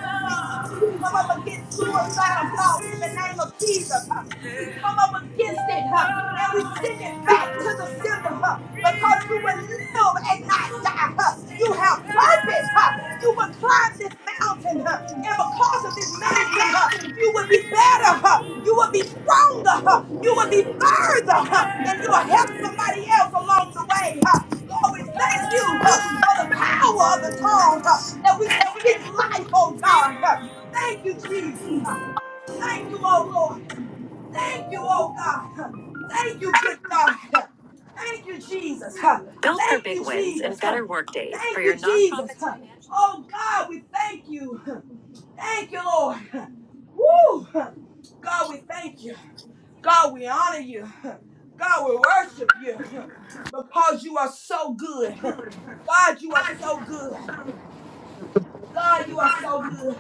We come up against suicidal thoughts in the name of Jesus. huh. We come up against it huh, and we send it back to the sender huh, because you will live and not die. huh. You have purpose. huh. You will climb this mountain huh, and because of this His mountain huh, mountain you will be better huh, you will be stronger huh, you will be further huh, and you will help somebody else along the way huh. lord we thank you huh, for the power of the tongue huh, that we can speak life oh god huh. thank you jesus huh. thank you oh lord Thank you, oh God. Thank you, good God. Thank you, Jesus. Built for Thank big you, wins Jesus. and better work days Thank for your you, Jesus. nonprofit financial- Oh God, we thank you. Thank you, Lord. Woo! God, we thank you. God, we honor you. God, we worship you because you are so good. God, you are so good. God, you are so good.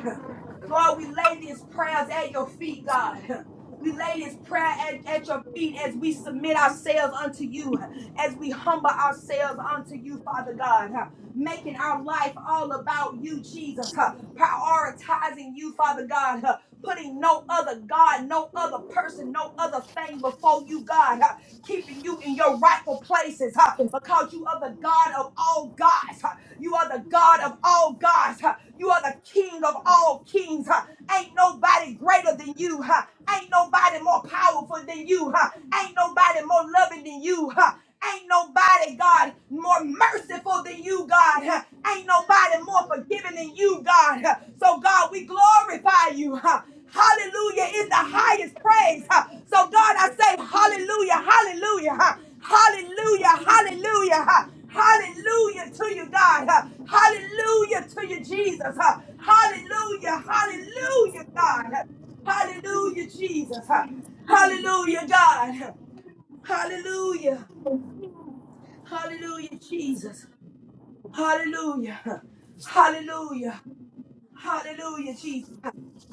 Lord, we lay these prayers at your feet, God. We lay this prayer at, at your feet as we submit ourselves unto you, as we humble ourselves unto you, Father God. huh, Making our life all about you, Jesus. huh, Prioritizing you, Father God. huh, putting no other God, no other person, no other thing before you, God, huh? keeping you in your rightful places, huh? because you are the God of all gods. Huh? You are the God of all gods. Huh? You are the King of all kings. Huh? Ain't nobody greater than you. Huh? Ain't nobody more powerful than you. Huh? Ain't nobody more loving than you. Huh? Ain't nobody, God, more merciful than you, God. Huh. Ain't nobody more forgiving than you, God. Huh. So, God, we glorify you. huh. Hallelujah is the highest praise. huh. So, God, I say hallelujah, hallelujah, huh. hallelujah, hallelujah, huh. hallelujah to you, God. huh. Hallelujah to you, Jesus. huh. Hallelujah, hallelujah, God. huh. Hallelujah, Jesus. huh. Hallelujah, God. huh. Hallelujah. Hallelujah, Jesus. Hallelujah. Hallelujah. Hallelujah, Jesus.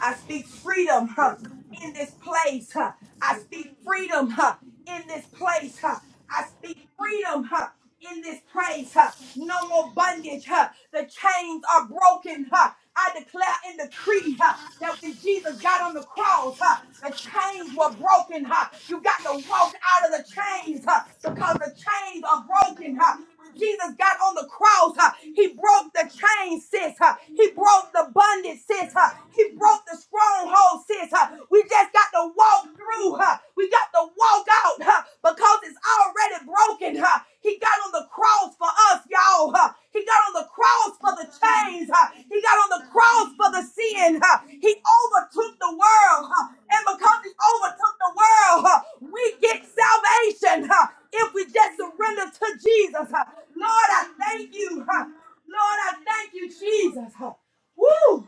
I speak freedom huh, in this place. huh. I speak freedom huh, in this place. huh. I speak freedom huh, in this place. huh. No more bondage. huh. The chains are broken. huh. I declare and decree huh, that when Jesus got on the cross, huh, the chains were broken. huh. You got to walk out of the chains huh, because the chains are broken. huh. Jesus got on the cross, uh, he broke the chain, sis. uh, he broke the bondage, sis. uh, he broke the stronghold, sis. uh, we just got to walk through. uh, we got to walk out uh, because it's already broken. uh, he got on the cross for us, y'all. uh, he got on the cross for the chains. uh, he got on the cross for the sin. uh, he overtook the world. uh, and because he overtook the world, uh, we get salvation. huh? if we just surrender to Jesus. huh. Lord, I thank you. huh. Lord, I thank you, Jesus. huh. Woo!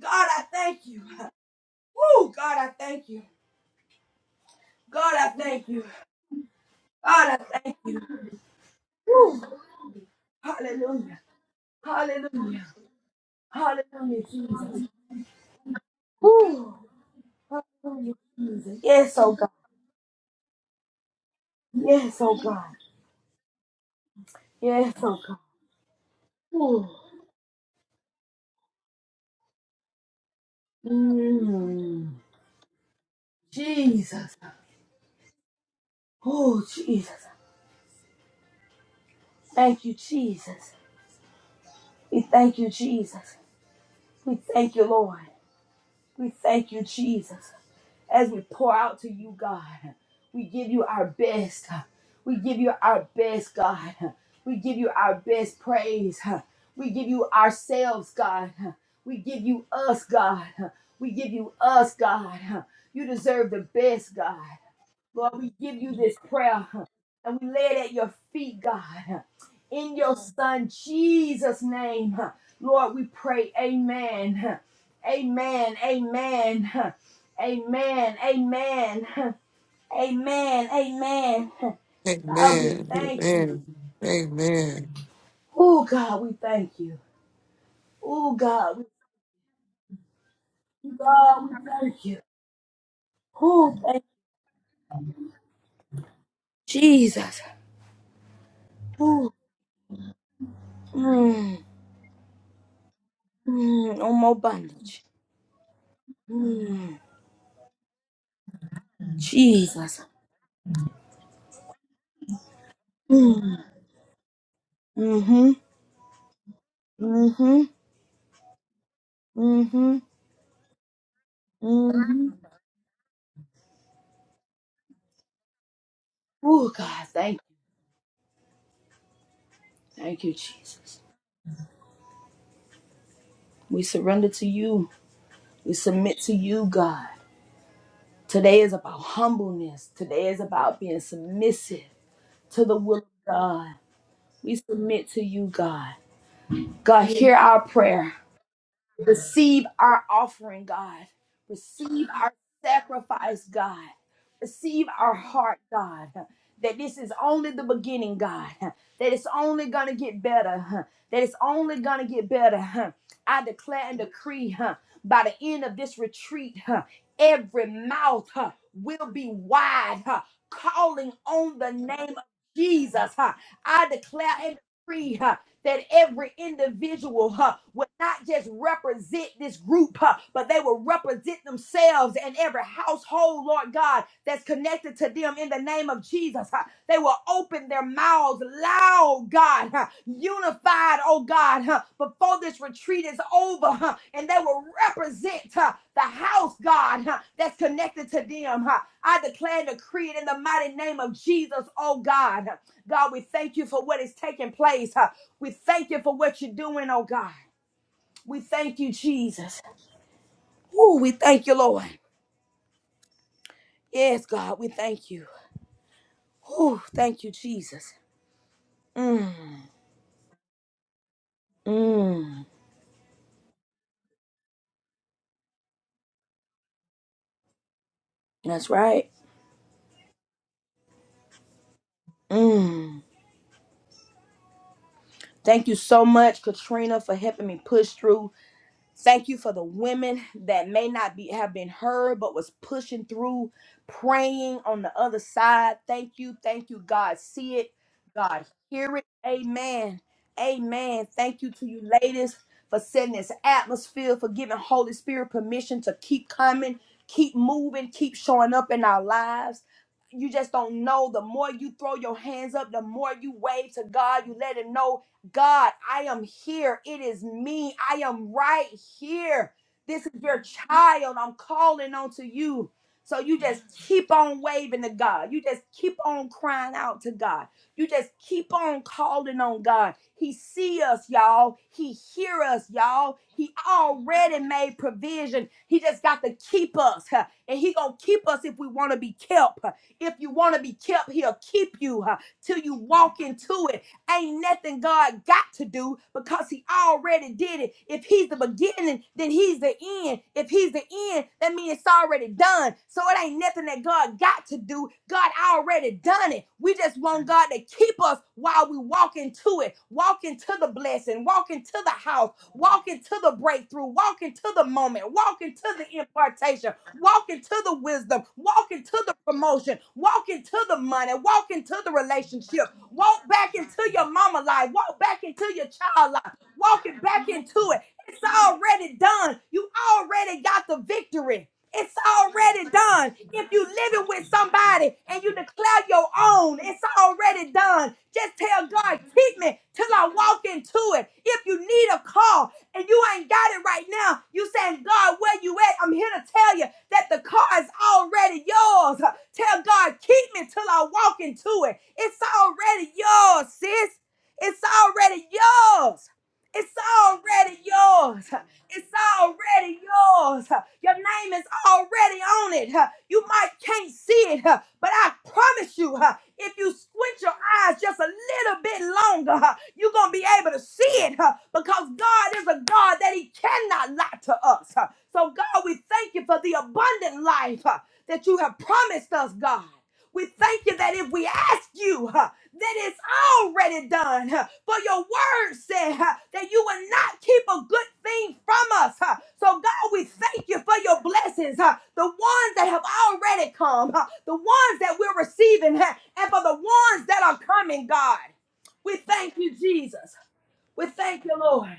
God, I thank you. huh. Woo! God, I thank you. God, I thank you. God, I thank you. Hallelujah. Hallelujah. Hallelujah, Jesus. Yes, oh God. Yes, oh God. Yes, oh God. Mm, Jesus. Oh, Jesus. Thank you, Jesus. We thank you, Jesus. We thank you, Lord. We thank you, Jesus, as we pour out to you, God. We give you our best. We give you our best, God. We give you our best praise. We give you ourselves, God. We give you us, God. We give you us, God. You deserve the best, God. Lord, we give you this prayer and we lay it at your feet, God. In your son Jesus' name, Lord, we pray. Amen. Amen. Amen. Amen. Amen. Amen. Amen. God, we Amen. thank you. Amen. Amen. Oh, God, we thank you. Oh, God, we, God, we thank you. Oh, thank Jesus. Mm, mm, on more bondage. Mm-hmm. Mm-hmm. Mm-hmm. Oh, God, thank Jesus. We surrender to you. We submit to you, God. Today is about humbleness. Today is about being submissive to the will of God. We submit to you, God. God, hear our prayer. Receive our offering, God. Receive our sacrifice, God. Receive our heart, God. That this is only the beginning, God. That it's only going to get better. That it's only going to get better. I declare and decree huh, by the end of this retreat, huh, every mouth huh, will be wide, huh, calling on the name of Jesus. huh. I declare and decree. huh, that every individual huh, would not just represent this group, huh, but they will represent themselves and every household, Lord God, that's connected to them in the name of Jesus. huh. They will open their mouths loud, God, huh, unified, oh God. God, huh, before this retreat is over, huh, and they will represent huh, the house, God, huh, that's connected to them. Huh. I declare and decree it in the mighty name of Jesus, oh God. huh. God, we thank you for what is taking place. Huh. We thank you for what you're doing, oh God. We thank you, Jesus. Ooh, we thank you, Lord. Yes, God, we thank you. Ooh, thank you, Jesus. Mm, mm, that's right. Mm. Thank you so much, Katrina, for helping me push through Thank you for the women that may not be have been heard but was pushing through, praying on the other side. Thank you. Thank you. God see it. God hear it. Amen. Amen. Thank you to you ladies for setting this atmosphere, for giving Holy Spirit permission to keep coming, keep moving, keep showing up in our lives. You just don't know. The more you throw your hands up, the more you wave to God, you let him know God, I am here. It is me. I am right here. This is your child. I'm calling onto you. So you just keep on waving to God. You just keep on crying out to God. You just keep on calling on God. He see us, y'all. He hear us, y'all. He already made provision. He just got to keep us. huh, And he going to keep us if we want to be kept. huh. If you want to be kept, he'll keep you huh, till you walk into it. Ain't nothing God got to do because He already did it. If He's the beginning, then He's the end. If He's the end, that means it's already done. So it ain't nothing that God got to do. God already done it. We just want God to keep us while we walk into it, walk into the blessing, walk into the house, walk into the breakthrough, walk into the moment, walk into the impartation, walk into the wisdom, walk into the promotion, walk into the money, walk into the relationship, Walk back into your mama life. Walk back into your child life. Walking back into it. It's already done. You already got the victory. It's already done. If you living with somebody and you declare your own, it's already done. Just tell God, keep me till I walk into it. If you need a car, and you ain't got it right now, you saying, God, where you at? I'm here to tell you that the car is already yours. Tell God, keep me till I walk into it. It's already yours, sis. It's already yours. It's already yours. It's already yours. Your name is already on it. You might can't see it, but I promise you, if you squint your eyes just a little bit longer, you're going to be able to see it because God is a God that He cannot lie to us. So, God, we thank you for the abundant life that you have promised us, God. We thank you that if we ask you, huh, that it's already done. huh. For your word said huh, that you will not keep a good thing from us. huh. So, God, we thank you for your blessings, huh, the ones that have already come, huh, the ones that we're receiving, huh, and for the ones that are coming, God. We thank you, Jesus. We thank you, Lord.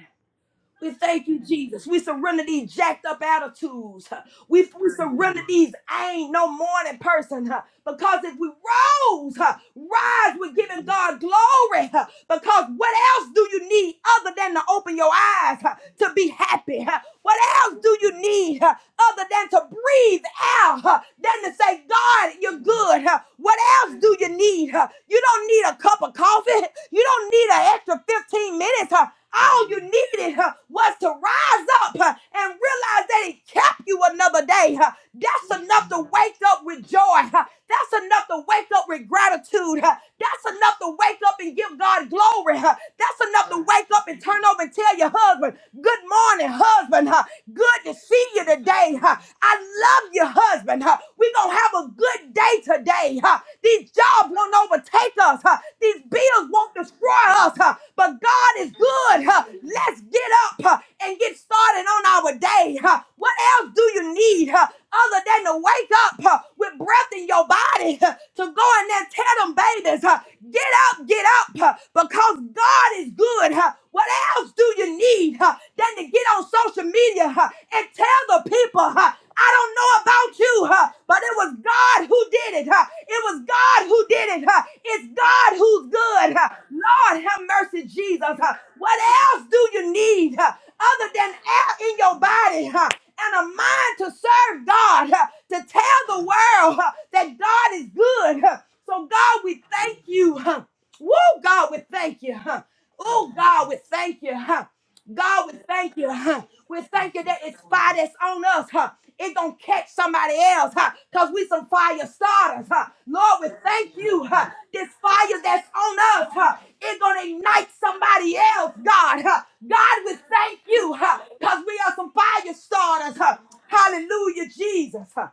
We thank you, Jesus. We surrender these jacked up attitudes. huh. We, we surrender these I ain't no morning person. huh, Because if we rose, huh, rise with giving God glory. huh, Because what else do you need other than to open your eyes huh, to be happy? huh? What else do you need huh, other than to breathe out, huh, than to say, God, you're good? huh? What else do you need? huh? You don't need a cup of coffee. You don't need an extra 15 minutes. huh? All you needed huh, was to rise up huh, and realize that He kept you another day. huh. That's enough to wake up with joy. huh. That's enough to wake up with gratitude. huh. That's enough to wake up and give God glory. huh. That's enough to wake up and turn over and tell your husband, Good morning, husband. huh. Good to see you today. huh. I love you, husband husband. huh? we going to have a good day today. huh? these jobs won't overtake us. huh? these bills won't destroy us. huh? but God is good. huh? let's get up huh, and get started on our day. huh? what else do you need huh, other than to wake up huh, with breath in your body huh, to go in there and tell them babies, huh, get up, get up. Huh? huh, because God is good. huh, What else do you need huh, than to get on social media huh, and tell the people, huh, I don't know about you, huh, but it was God who did it. huh, It was God who did it. huh, It's God who's good. huh, Lord, have mercy, Jesus. huh, What else do you need huh, other than air in your body? huh, and a mind to serve God, huh, to tell the world huh, that God is good. huh. So, God, we thank you. huh. Woo, God, we thank you. Huh? Oh, God, we thank you. Huh? God, we thank you. Huh? We thank you that it's fire that's on us. Huh? It gonna catch somebody else, huh? Cause we some fire starters, huh? Lord, we thank you, huh? This fire that's on us, huh? It gonna ignite somebody else, God, huh? God, we thank you, huh? Cause we are some fire starters, huh? Hallelujah, Jesus. huh?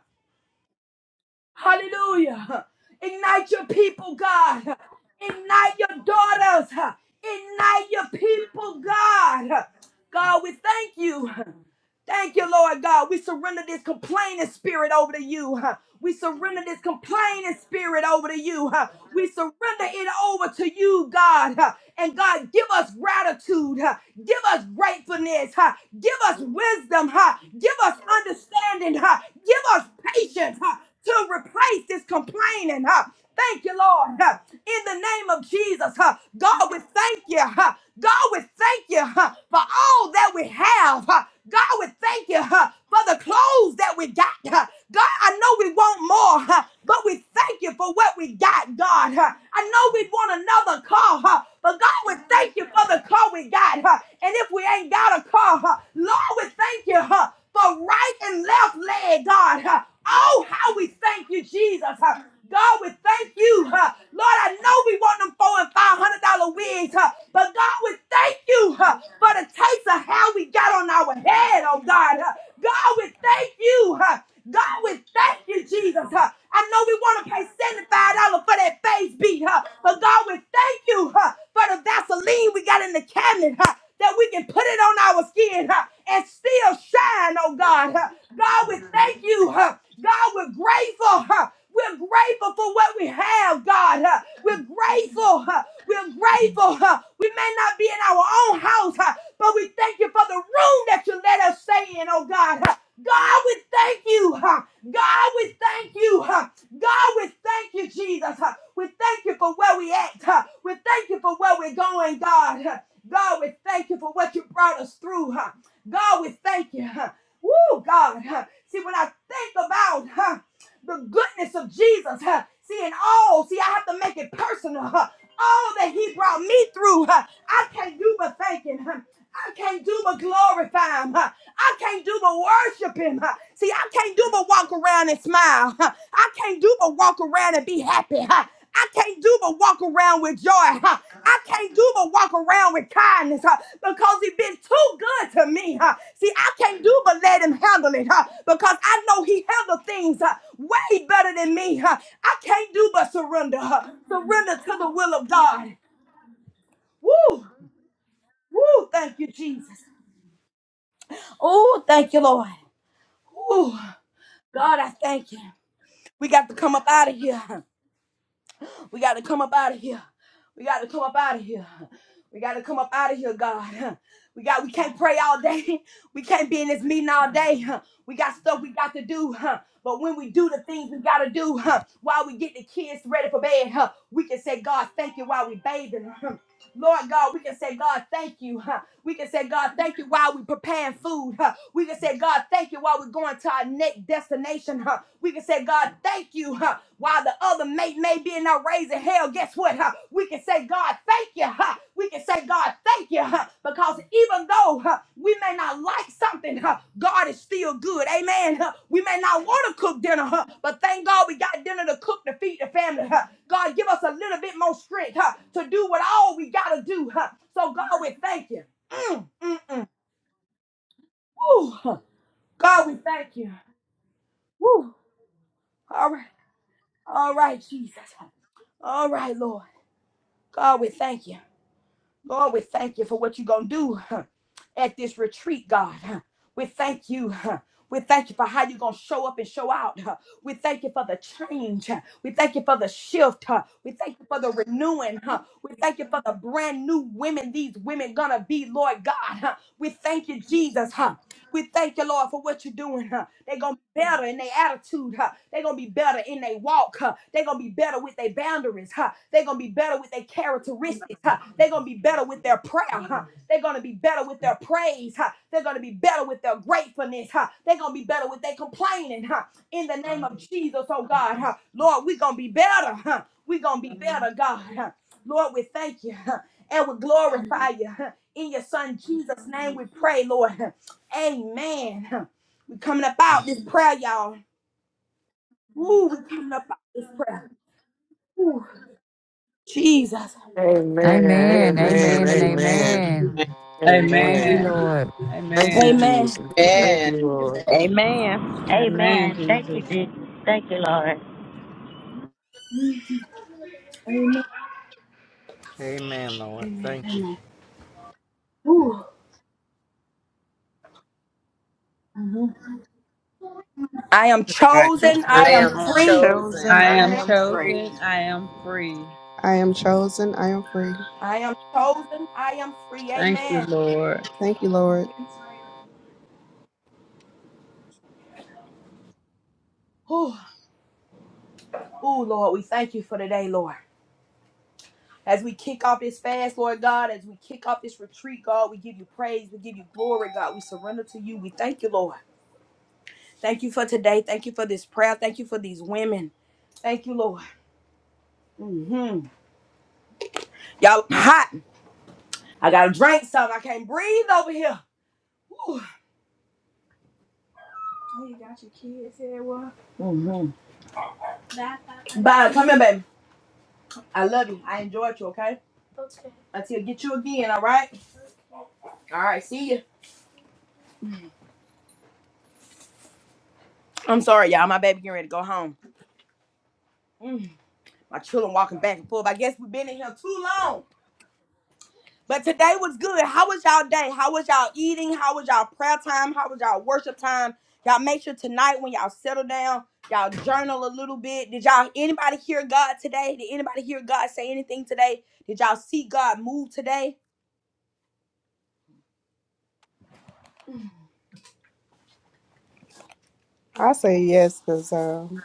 Hallelujah. Ignite your people, God. Ignite your daughters. Ignite your people, God. God, we thank you. Thank you, Lord God. We surrender this complaining spirit over to you. huh? We surrender this complaining spirit over to you. huh? We surrender it over to you, God. huh? And God, give us gratitude. huh? Give us gratefulness. huh? Give us wisdom. huh? Give us understanding. huh? Give us patience huh? to replace this complaining. huh? Thank you, Lord. huh? in the name of Jesus. huh. God, we thank you. huh. God, we thank you huh, for all that we have. huh. God, we thank you huh, for the clothes that we got. huh. God, I know we want more, huh, but we thank you for what we got, God. huh. I know we want another car, huh, but God, we thank you for the car we got. huh. And if we ain't got a car, huh, Lord, we thank you. huh, for right and left leg, God. huh. Oh, how we thank you, Jesus. huh. God, we thank you. huh. Lord, I know we want them four and five hundred dollar wigs, huh, but God, we thank you huh, for the taste of how we got on our head, oh God. huh. God, we thank you. huh. God, we thank you, Jesus. huh. I know we want to pay $75 for that face beat, huh. but. God, we thank you huh, for the Vaseline we got in the cabinet. huh, that we can put it on our skin huh, and still shine, oh God. huh. God, we thank you. huh. God, we're grateful. huh. We're grateful for what we have, God. huh. We're grateful. huh. We're grateful. huh. We may not be in our own house, huh, but we thank you for the room that you let us stay in, oh God. huh. God, we thank you. huh. God, we thank you. huh. God, we thank you, Jesus. huh. We thank you for where we at. huh. We thank you for where we're going, God. huh. God, we thank you for what you brought us through. huh. God, we thank you. huh. Woo, God. huh. See, when I think about huh, the goodness of Jesus, huh, see, in all, see, I have to make it personal. huh. All that he brought me through, huh, I can't do but thank him. huh. I can't do but glorify him. Huh, I can't do but worship him. huh. See, I can't do but walk around and smile. huh. I can't do but walk around and be happy. huh. I can't do but walk around with joy. huh. I can't do but walk around with kindness huh, because he's been too good to me. huh. See, I can't do but let him handle it huh, because I know he handled things huh, way better than me. huh. I can't do but surrender. huh. Surrender to the will of God. Woo! Woo! Thank you, Jesus. Oh, thank you, Lord. Woo! God, I thank you. We got to come up out of here. We got to come up out of here. We got to come up out of here. We got to come up out of here, God. We got we can't pray all day. We can't be in this meeting all day. huh. We got stuff we got to do. huh. But when we do the things we got to do, huh, while we get the kids ready for bed, huh, we can say, God, thank you while we bathing. huh. Lord God, we can say, God, thank you. huh. We can say, God, thank you while we're preparing food. huh. We can say, God, thank you while we're going to our next destination. huh. We can say, God, thank you huh, while the other mate may be in a raising hell. Guess what? huh? We can say, God, thank you. huh. We can say, God, thank you. huh, Because even though huh, we may not like something, huh, God is still good. Amen. huh. We may not want to cook dinner, huh, but thank God we got dinner to cook to feed the family. huh. God, give us a little bit more strength huh, to do what all we got to do. huh. So, God, we thank you. Mm, mm, mm. Woo. God, we thank you. Woo. All right. All right, Jesus. All right, Lord. God, we thank you. Lord, we thank you for what you're going to do huh, at this retreat, God. huh. We thank you. huh. We thank you for how you're going to show up and show out. huh. We thank you for the change. huh. We thank you for the shift. huh. We thank you for the renewing. huh. We thank you for the brand new women these women going to be, Lord God. huh. We thank you, Jesus. huh, We thank you, Lord, for what you're doing. Huh? They're going to be better in their attitude. Huh? They're going to be better in their walk. Huh? They're going to be better with their boundaries. Huh? They're going to be better with their characteristics. Huh? They're going to be better with their prayer. Huh? They're going to be better with their praise. Huh? They're going to be better with their gratefulness. Huh? They're going to be better with their complaining. Huh? In the name of Jesus, oh God. Huh? Lord, we're going to be better. Huh? We're going to be better, God. Huh? Lord, we thank you. Huh? And we glorify you. Huh? In your son Jesus' name we pray, Lord. huh? Amen. We coming up out this prayer, y'all. Ooh, we coming up out this prayer. Jesus. Amen. Amen. Amen. Amen and Amen. amen. Amen. Thank you, Amen. Amen. Lord. Thank you, Amen. Amen. Jesus. Thank Amen. you, Amen. Lord. Amen. Amen, Amen. Thank you, Jesus. Jesus. Thank you, Lord. Amen, Lord. Thank you. I am I am chosen. free. I I am am I am free. chosen. chosen. I I I am Amen. am am free. chosen. free. I am free. I am chosen. I am free. I am chosen. I am free. Thank you, Amen. Lord. Thank you, Lord. Ooh, Ooh, Lord, we thank you for today, Lord. As we kick off this fast, Lord God, as we kick off this retreat, God, we give you praise. We give you glory, God. We surrender to you. We thank you, Lord. Thank you for today. Thank you for this prayer. Thank you for these women. Thank you, Lord. hmm Y'all hot. I gotta drink something. I can't breathe over here. Whew. Oh, you got your kids here, what? Mm-hmm. Bye, bye. Bye. Come here, baby. I love you. I enjoyed you, okay? Until I get you again, all right? All right, see you. I'm sorry, y'all. My baby getting ready to go home. Mm, my children walking back and forth. I guess we've been in here too long. But today was good. How was y'all day? How was y'all eating? How was y'all prayer time? How was y'all worship time? Y'all make sure tonight when y'all settle down, y'all journal a little bit. Did y'all anybody hear God today? Did anybody hear God say anything today? Did y'all see God move today? I say yes because, um,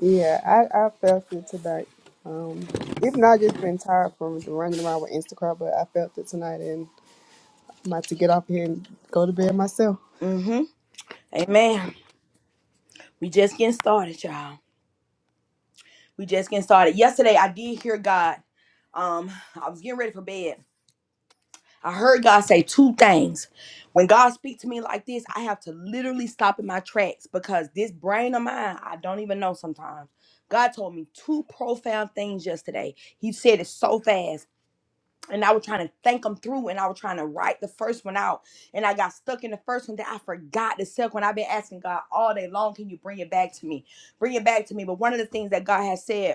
yeah, I, I felt it tonight. Um, even though I just been tired from running around with Instacart, but I felt it tonight and I'm about to get off here and go to bed myself. Mm-hmm. Amen. We just getting started, y'all. We just getting started. Yesterday I did hear God. Um, I was getting ready for bed I heard God say two things. When God speaks to me like this, I have to literally stop in my tracks because this brain of mine, I don't even know sometimes. God told me two profound things yesterday. He said it so fast. And I was trying to think them through and I was trying to write the first one out. And I got stuck in the first one that I forgot the second one. I've been asking God all day long, can you bring it back to me? Bring it back to me. But one of the things that God has said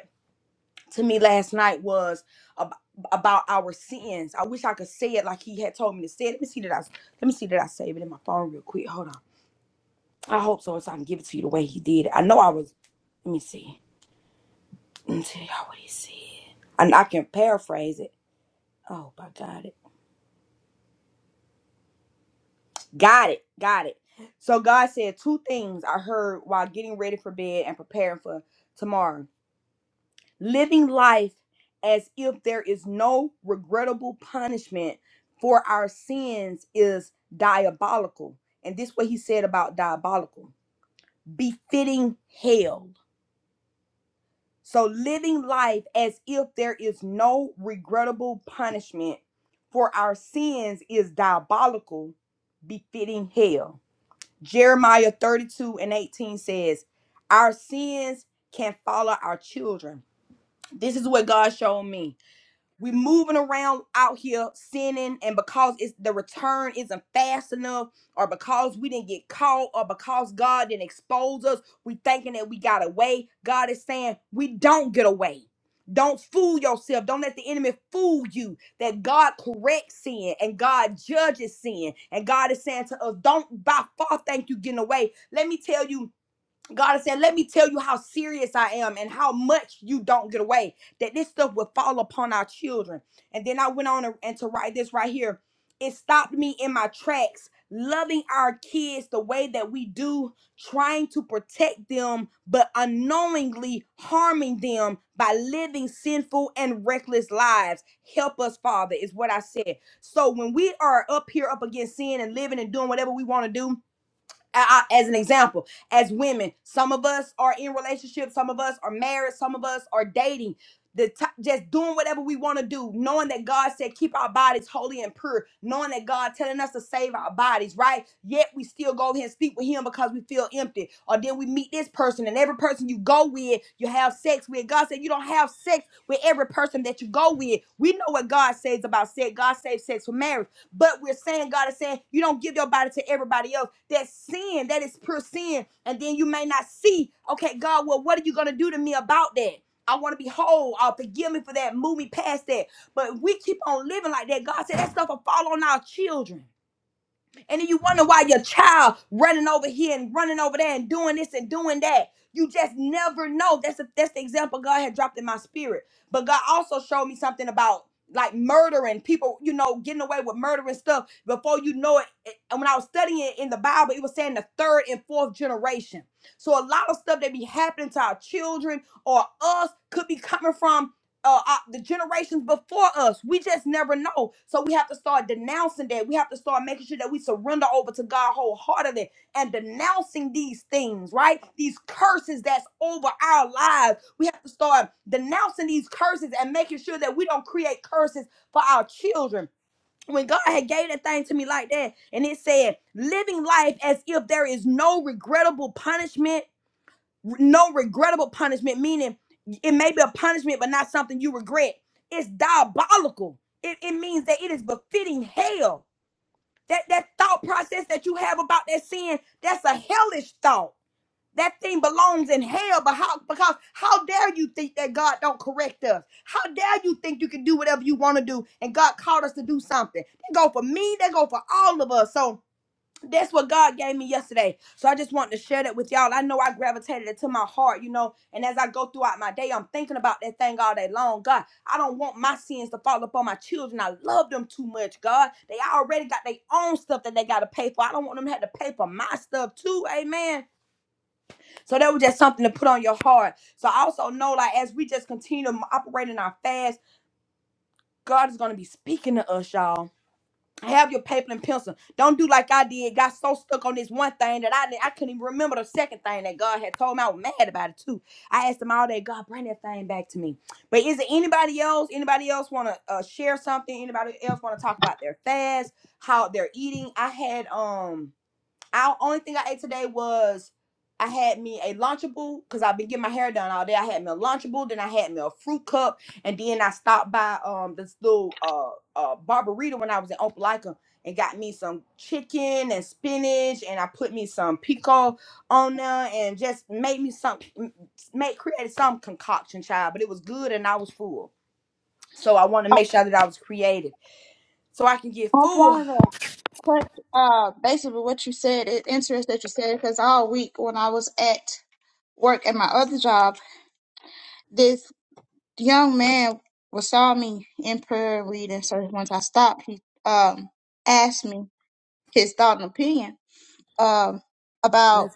to me last night was ab- about our sins. I wish I could say it like he had told me to say it. Let me see that I let me see that I save it in my phone real quick. Hold on. I hope so, so I can give it to you the way he did it. I know I was. Let me see. Let me tell y'all what he said. And I can paraphrase it. Oh, I got it. Got it. Got it. So God said two things I heard while getting ready for bed and preparing for tomorrow. living life as if there is no regrettable punishment for our sins is diabolical. And this what he said about diabolical, befitting hell. So living life as if there is no regrettable punishment for our sins is diabolical, befitting hell. Jeremiah 32 and 18 says, Our sins can follow our children. This is what God showed me we moving around out here sinning and because it's the return isn't fast enough or because we didn't get caught or because god didn't expose us we thinking that we got away god is saying we don't get away don't fool yourself don't let the enemy fool you that god corrects sin and god judges sin and god is saying to us don't by far think you getting away let me tell you God is saying, let me tell you how serious I am and how much you don't get away, that this stuff would fall upon our children. And then I went on and and to write this right here. It stopped me in my tracks, loving our kids the way that we do, trying to protect them, but unknowingly harming them by living sinful and reckless lives. Help us, Father, is what I said. So when we are up here up against sin and living and doing whatever we want to do, I, as an example, as women, some of us are in relationships, some of us are married, some of us are dating. The t- just doing whatever we want to do, knowing that God said keep our bodies holy and pure, knowing that God telling us to save our bodies, right? Yet we still go ahead and sleep with Him because we feel empty. Or then we meet this person, and every person you go with, you have sex with. God said you don't have sex with every person that you go with. We know what God says about sex. God says sex for marriage. But we're saying, God is saying, you don't give your body to everybody else. That's sin. That is pure sin. And then you may not see, okay, God, well, what are you going to do to me about that? I want to be whole. Uh, forgive me for that. Move me past that. But we keep on living like that. God said that stuff will fall on our children. And then you wonder why your child running over here and running over there and doing this and doing that. You just never know. That's a, that's the example God had dropped in my spirit. But God also showed me something about like murdering people, you know, getting away with murdering stuff before you know it. it- And when I was studying it in the Bible, it was saying the third and fourth generation. So a lot of stuff that be happening to our children or us could be coming from uh, uh, the generations before us. We just never know. So we have to start denouncing that. We have to start making sure that we surrender over to God wholeheartedly and denouncing these things, right? These curses that's over our lives. We have to start denouncing these curses and making sure that we don't create curses for our children. When God had gave that thing to me like that, and it said, living life as if there is no regrettable punishment no regrettable punishment, meaning it may be a punishment, but not something you regret. It's diabolical. It, it means that it is befitting hell. That that thought process that you have about that sin, that's a hellish thought. That thing belongs in hell. But how because how dare you think that God don't correct us? How dare you think you can do whatever you want to do and God called us to do something? They go for me, they go for all of us. So that's what God gave me yesterday. So I just wanted to share that with y'all. I know I gravitated it to my heart, you know, and as I go throughout my day, I'm thinking about that thing all day long. God, I don't want my sins to fall upon my children. I love them too much, God. They already got their own stuff that they got to pay for. I don't want them to have to pay for my stuff too. Amen. So that was just something to put on your heart. So I also know, like, as we just continue to operate in our fast, God is going to be speaking to us, y'all. Have your paper and pencil. Don't do like I did. Got so stuck on this one thing that I didn't- I couldn't even remember the second thing that God had told me. I was mad about it too. I asked him all day, God, bring that thing back to me. But is it anybody else? Anybody else want to uh, share something? Anybody else want to talk about their fast, how they're eating? I had um I only thing I ate today was I had me a lunchable because I've been getting my hair done all day. I had me a lunchable, then I had me a fruit cup, and then I stopped by um this little uh uh barberita when I was in Opelika and got me some chicken and spinach, and I put me some pico on there and just made me some m- made created some concoction, child. But it was good and I was full, so I want to I make sure that I was creative so I can get I full. wanted to put uh, basically what you said. It's interesting that you said because all week when I was at work at my other job, this young man was saw me in prayer and reading. So once I stopped, he um, asked me his thought and opinion um, about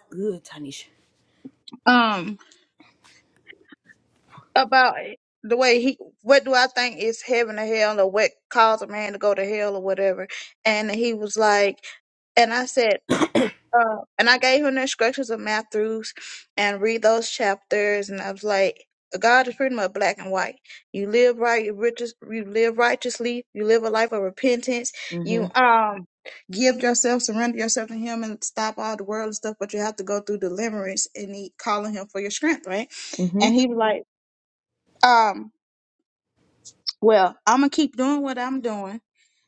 um, about the way he what do I think is heaven or hell or what caused a man to go to hell or whatever. And he was like, and I said. Uh, and I gave him the instructions of Matthews and read those chapters. And I was like, God is pretty much black and white. You live right, you, righteous, you live righteously, you live a life of repentance, you Mhm. um give yourself, surrender yourself to Him, and stop all the world and stuff. But you have to go through deliverance and he calling Him for your strength, right? Mhm. And he was like, um, well, I'm gonna keep doing what I'm doing,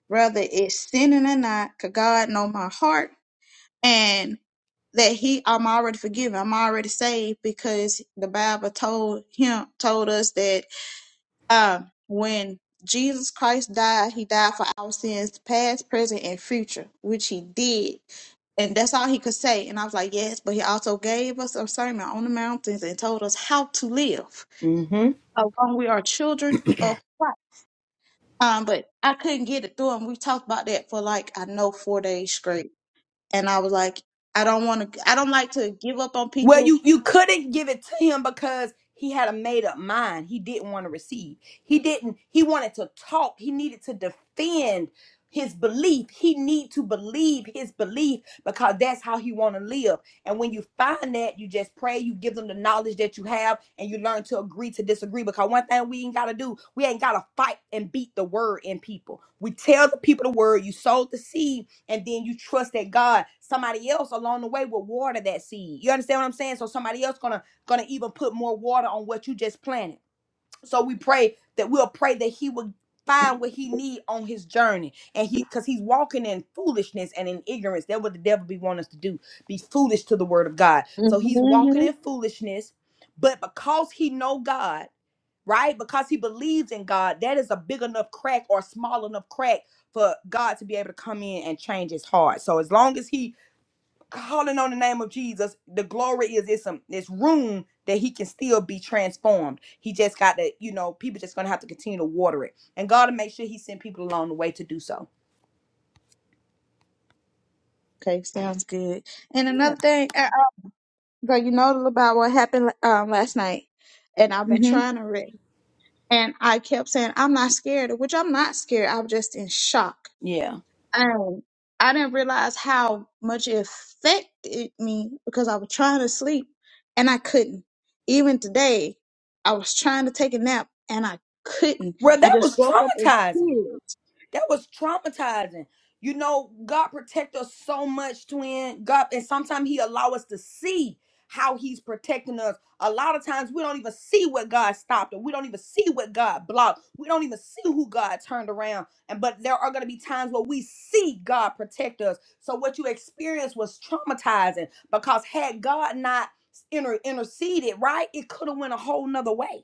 whether it's sinning or not, 'cause God know my heart and that he I'm already forgiven, I'm already saved because the Bible told him told us that um when Jesus Christ died, he died for our sins, past, present, and future, which he did. And that's all he could say. And I was like, yes, but he also gave us a sermon on the mountains and told us how to live. Mhm. Along we are children of Christ. Um, but I couldn't get it through. him. we talked about that for like, I know, four days straight and I was like, I don't want to, I don't like to give up on Well, people. you you couldn't give it to him because he had a made up mind. He didn't want to receive. He didn't. He wanted to talk. He needed to defend his belief. He need to believe his belief because that's how he want to live. And when you find that, you just pray. You give them the knowledge that you have, and you learn to agree to disagree. Because one thing we ain't gotta do, we ain't gotta fight and beat the word in people. We tell the people the word. You sowed the seed and then you trust that God, somebody else along the way will water that seed. You understand what I'm saying? So somebody else gonna gonna even put more water on what you just planted. So we pray that we'll pray that He will find what He need on His journey, and He because He's walking in foolishness and in ignorance. That's what the devil be wanting us to do: be foolish to the Word of God. So He's walking Mhm. in foolishness, but because He know God right? Because he believes in God, that is a big enough crack or small enough crack for God to be able to come in and change his heart. So as long as he calling on the name of Jesus, the glory is it's some it's room that he can still be transformed. He just got to, you know, people just gonna have to continue to water it. And God will make sure he send people along the way to do so. Okay, sounds good. And Yeah. another thing, I, I, like you know about what happened um, last night, and I've been hmm trying to read, and I kept saying I'm not scared, which I'm not scared. I'm just in shock. Yeah. Um, I didn't realize how much it affected me because I was trying to sleep and I couldn't. Even today, I was trying to take a nap and I couldn't. Well, I that just was woke up in traumatizing. tears. That was traumatizing. You know, God protect us so much, twin. God, and sometimes He allow us to see how He's protecting us. A lot of times we don't even see what God stopped, or we don't even see what God blocked. We don't even see who God turned around. And but there are gonna be times where we see God protect us. So what you experienced was traumatizing because had God not inter- interceded, right, it could have went a whole nother way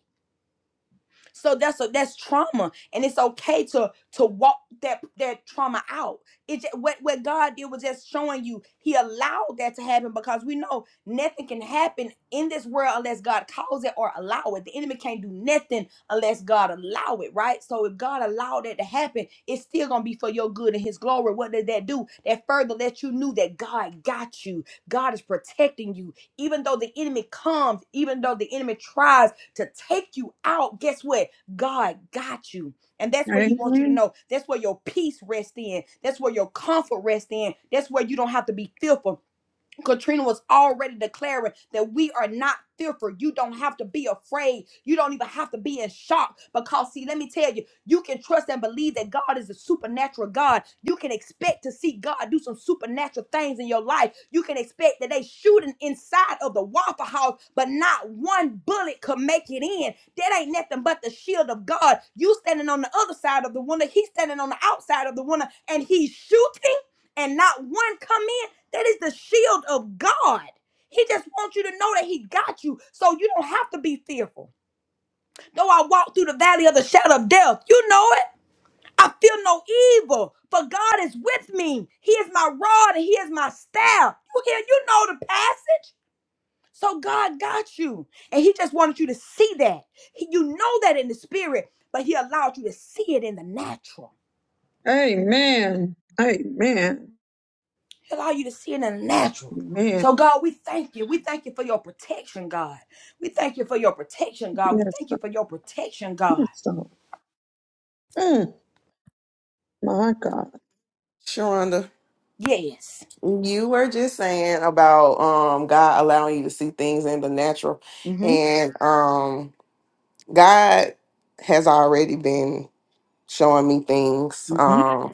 so that's a, that's trauma, and it's okay to to walk that that trauma out. It ju- what what God did was just showing you He allowed that to happen because we know nothing can happen in this world unless God calls it or allow it. The enemy can't do nothing unless God allow it, right? So if God allowed that to happen, it's still gonna be for your good and His glory. What does that do? That further lets you knew that God got you. God is protecting you, even though the enemy comes, even though the enemy tries to take you out, guess what? God got you. And that's what he wants you to Amen. know. That's where your peace rests in. That's where your comfort rests in. That's where you don't have to be fearful. Katrina was already declaring that we are not fearful. You don't have to be afraid. You don't even have to be in shock. Because, see, let me tell you, you can trust and believe that God is a supernatural God. You can expect to see God do some supernatural things in your life. You can expect that they shooting inside of the Waffle House, but not one bullet could make it in. That ain't nothing but the shield of God. You standing on the other side of the window. He's standing on the outside of the window, and he's shooting and not one come in. That is the shield of God. He just wants you to know that He got you so you don't have to be fearful. Though I walk through the valley of the shadow of death, you know it. I feel no evil, for God is with me. He is my rod and He is my staff. You hear, you know the passage. So God got you. And He just wanted you to see that. He- you know that in the spirit, but He allowed you to see it in the natural. Amen. Amen. He allow you to see it in the natural. Amen. So, God, we thank you. We thank you for your protection, God. We thank you for your protection, God. We Yes, thank you sir. for your protection, God. yes, sir. Mm, my God. Sharonda, Yes. you were just saying about um God allowing you to see things in the natural. Mm-hmm. And um God has already been showing me things. Mm-hmm. Um.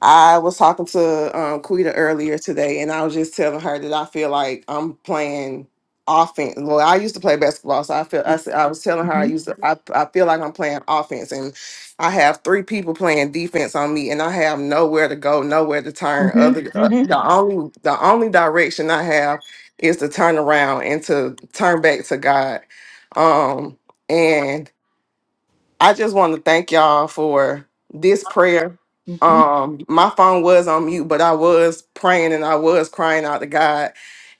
I was talking to um, Quita earlier today, and I was just telling her that I feel like I'm playing offense. Well, I used to play basketball, so I feel I, s- I was telling her I Mm-hmm. used to. I, I feel like I'm playing offense, and I have three people playing defense on me, and I have nowhere to go, nowhere to turn. Mm-hmm. Other uh, Mm-hmm. the only the only direction I have is to turn around and to turn back to God. Um, and I just want to thank y'all for this prayer. Mm-hmm. Um, my phone was on mute, but I was praying and I was crying out to God,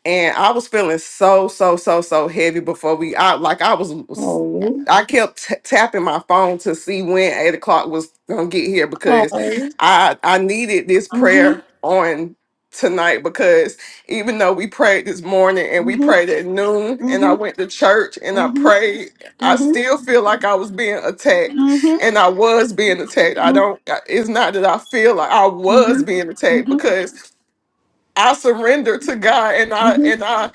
and I was feeling so so so so heavy before we. I like I was, Oh. I kept t- tapping my phone to see when eight o'clock was gonna get here because Oh. I I needed this Mm-hmm. prayer on tonight because even though we prayed this morning and we Mm-hmm. prayed at noon and I Mm-hmm. went to church and I Mm-hmm. prayed I Mm-hmm. still feel like I was being attacked, Mm-hmm. and I was being attacked. I Mm-hmm. don't. I- It's not that I feel like I was Mm-hmm. being attacked because I surrender to God, and I Mm-hmm. and I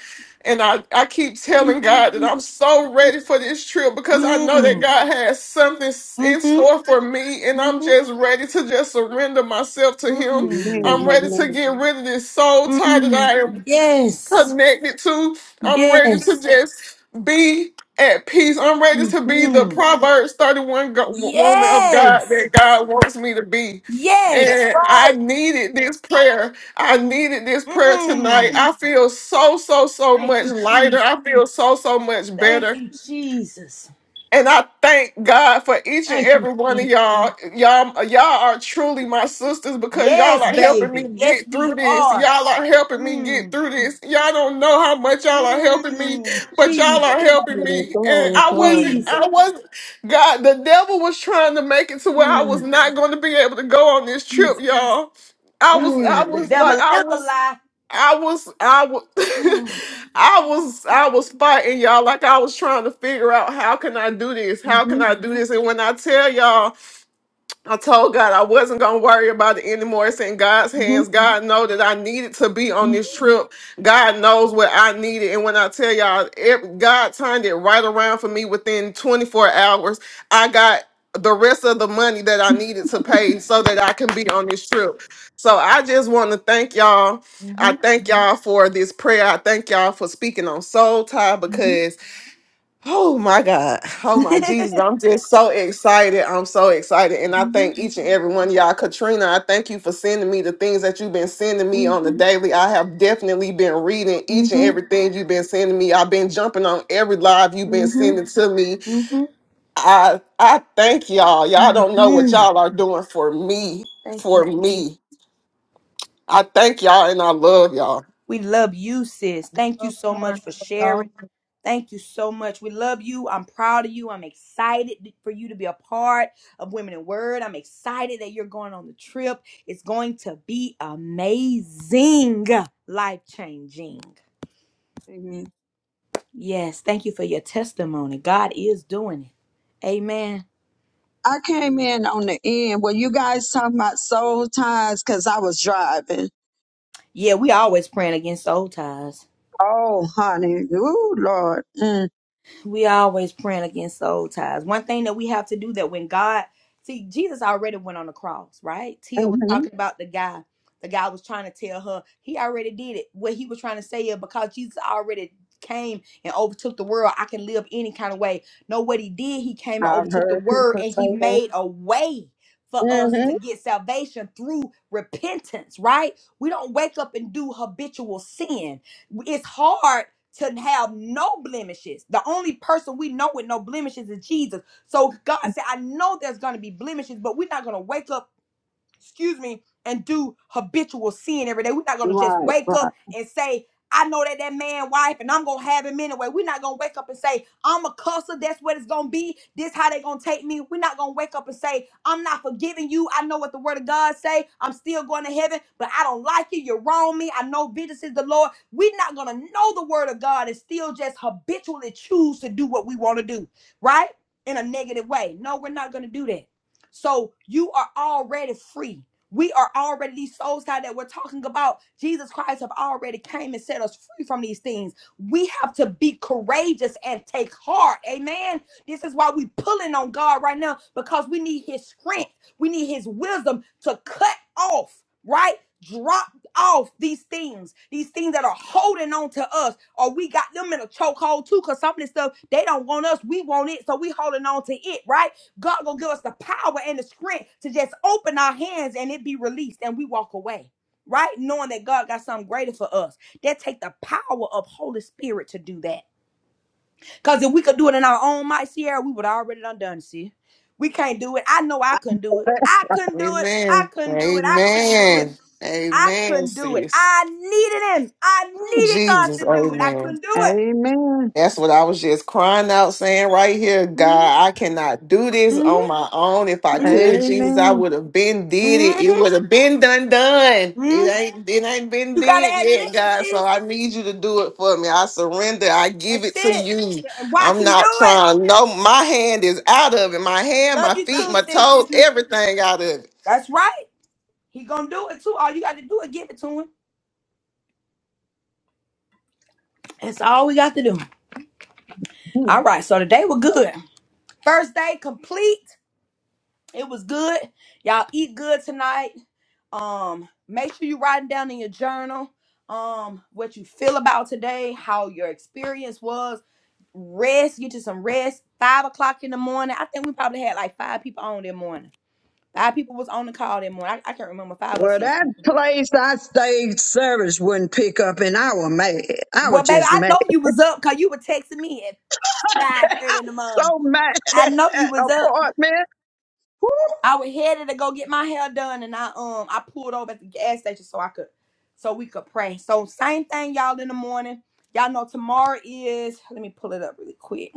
and I I keep telling God that I'm so ready for this trip because I know that God has something s- in Mm-hmm. store for me, and I'm hmm just ready to just surrender myself to Him. Amen. I'm Mm-hmm. ready to get Amen. rid of this soul tie that Mm-hmm. I am Yes. connected to. I'm ready to Yes. just be at peace. I'm ready to be the Mm. Proverbs 31 go- woman of God Yes. that God wants me to be. It's Yes. And I right. needed this prayer. I needed this prayer tonight. Mm. I feel so, so, so Thank much you, lighter. Jesus. I feel so, so much better. Thank you, Jesus. And I thank God for each and Thank you, every one of Jesus. y'all. Y'all, y'all are truly my sisters because y'all Yes, are helping me baby. Yes, get we through this. are. Y'all are helping me get Mm. through this. Y'all don't know how much y'all are helping me, Mm. but y'all Jesus. are helping Glory, me. And glory, I glory. wasn't, I wasn't, God, the devil was trying to make it to where I was Mm. not going to be able to go on this trip, y'all. I was, I Mm. The was devil like, I is a was. lie. I was I was Mm. I was I was fighting y'all like I was trying to figure out how can I do this? How can Mm-hmm. I do this? And when I tell y'all I told God I wasn't gonna worry about it anymore. It's in God's Mm-hmm. hands. God know that I needed to be on this trip. God knows what I needed. And when I tell y'all, it, God turned it right around for me within 24 hours. I got the rest of the money that I needed to pay so that I can be on this trip. So I just want to thank y'all. I Mm-hmm. thank y'all for this prayer. I thank y'all for speaking on soul tie Mm-hmm. because Oh my God. Oh my Jesus. I'm just so excited. I'm so excited. And I Mm-hmm. thank each and every one of y'all. Katrina, I thank you for sending me the things that you've been sending me on the daily. I have definitely been reading each and hmm everything you've been sending me. I've been jumping on every live you've been hmm sending to me. hmm I I thank y'all. Y'all don't know what hmm y'all are doing for me. Thank For you, Jesus. me. I thank y'all and I love y'all. We love you, sis. Thank you Oh, so much more. for That's sharing. Thank you so much. We love you. I'm proud of you. I'm excited for you to be a part of Women in Word. I'm excited that you're going on the trip. It's going to be amazing, life changing. Amen. Yes, thank you for your testimony. God is doing it. Amen. I came in on the end. Were you guys talking about soul ties? Because I was driving. Yeah, we always praying against soul ties. Oh, honey. Ooh, Lord. Mm, we always praying against soul ties. One thing that we have to do that when God see Jesus already went on the cross, right? Tia was hmm talking about the guy. The guy was trying to tell her he already did it. What he was trying to say is because Jesus already came and overtook the world, I can live any kind of way. No, what he did, he came and I've overtook the heard world people and say he that. made a way for us to hmm get salvation through repentance, right? We don't wake up and do habitual sin. It's hard to have no blemishes. The only person we know with no blemishes is Jesus. So God said, I know there's going to be blemishes, but we're not going to wake up excuse me, and do habitual sin every day. We're not gonna just Right, wake right. up and say, I know that that man wife and I'm gonna have him anyway. We're not gonna wake up and say, I'm a cusser, that's what it's gonna be. This how they gonna take me. We're not gonna wake up and say, I'm not forgiving you. I know what the word of God say. I'm still going to heaven, but I don't like you. You're wrong me. I know vengeance is the Lord. We're not gonna know the word of God and still just habitually choose to do what we want to do, right? In a negative way. No, we're not gonna do that. So you are already free. We are already these souls, God, that we're talking about. Jesus Christ have already came and set us free from these things. We have to be courageous and take heart. Amen. This is why we pulling on God right now because we need his strength. We need his wisdom to cut off, right? Drop off these things, these things that are holding on to us, or we got them in a chokehold too, because some of this stuff they don't want us, we want it, so we holding on to it, right? God gonna give us the power and the strength to just open our hands and it be released and we walk away. Right? Knowing that God got something greater for us. That take the power of Holy Spirit to do that. Because if we could do it in our own might, Sierra, we would already done done, see. We can't do it. I know I couldn't do it. I couldn't do it. I Amen. couldn't do it. I couldn't do it. Amen. I Amen, couldn't do it. sis. I needed him. I Oh, needed God Jesus. to do it. I Amen. couldn't do it. Amen. That's what I was just crying out, saying right here, hmm God, I cannot do this hmm on my own. If I hmm could, Jesus, I Amen. would have been did it. It hmm would have been done, done. It hmm ain't, it ain't been You gotta did yet, admit it, God. sis. So I need you to do it for me. I surrender. I give That's it to it. you. And watch I'm him do not it. trying. No, my hand is out of it. My hand, Love my you feet, too, my sis toes, Tiffany. everything out of it. That's right. He gonna do it too. All you got to do is give it to him. That's all we got to do. All right. So today was good. First day complete. It was good. Y'all eat good tonight. Um, make sure you writing down in your journal um what you feel about today, how your experience was. Rest. Get you some rest. Five o'clock in the morning. I think we probably had like five people on that morning Five people was on the call that morning. I, I can't remember five or Well, six that people. place I stayed service wouldn't pick up, and I was mad. I was Well, baby, just I mad. know you was up because you were texting me at five thirty I in the was morning. so mad I at know you that was up. apartment. Woo! I was headed to go get my hair done, and I um I pulled over at the gas station so I could so we could pray. So same thing, y'all, in the morning. Y'all know tomorrow is. Let me pull it up really quick.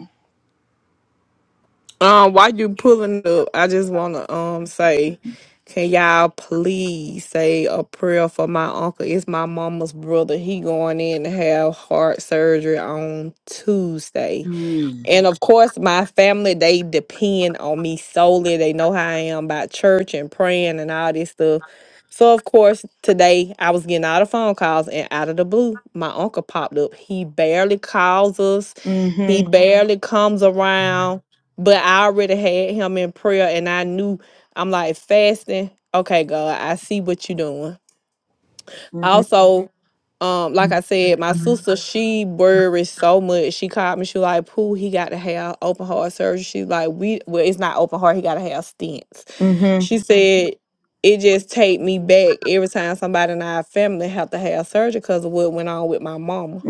Um, while you pulling up, I just wanna um say, can y'all please say a prayer for my uncle? It's my mama's brother. He going in to have heart surgery on Tuesday. Mm. And of course, my family, they depend on me solely. They know how I am about church and praying and all this stuff. So, of course, today I was getting all the phone calls, and out of the blue, my uncle popped up. He barely calls us, he Mm. Mhm. barely comes around, but I already had him in prayer, and I knew I'm like fasting. Okay, God, I see what you're doing Mhm. also um like i said my sister she worried so much she called me she was like pooh he got to have open heart surgery she's like we well it's not open heart he got to have stents Mhm. Mhm. she said it just take me back every time somebody in our family have to have surgery because of what went on with my mama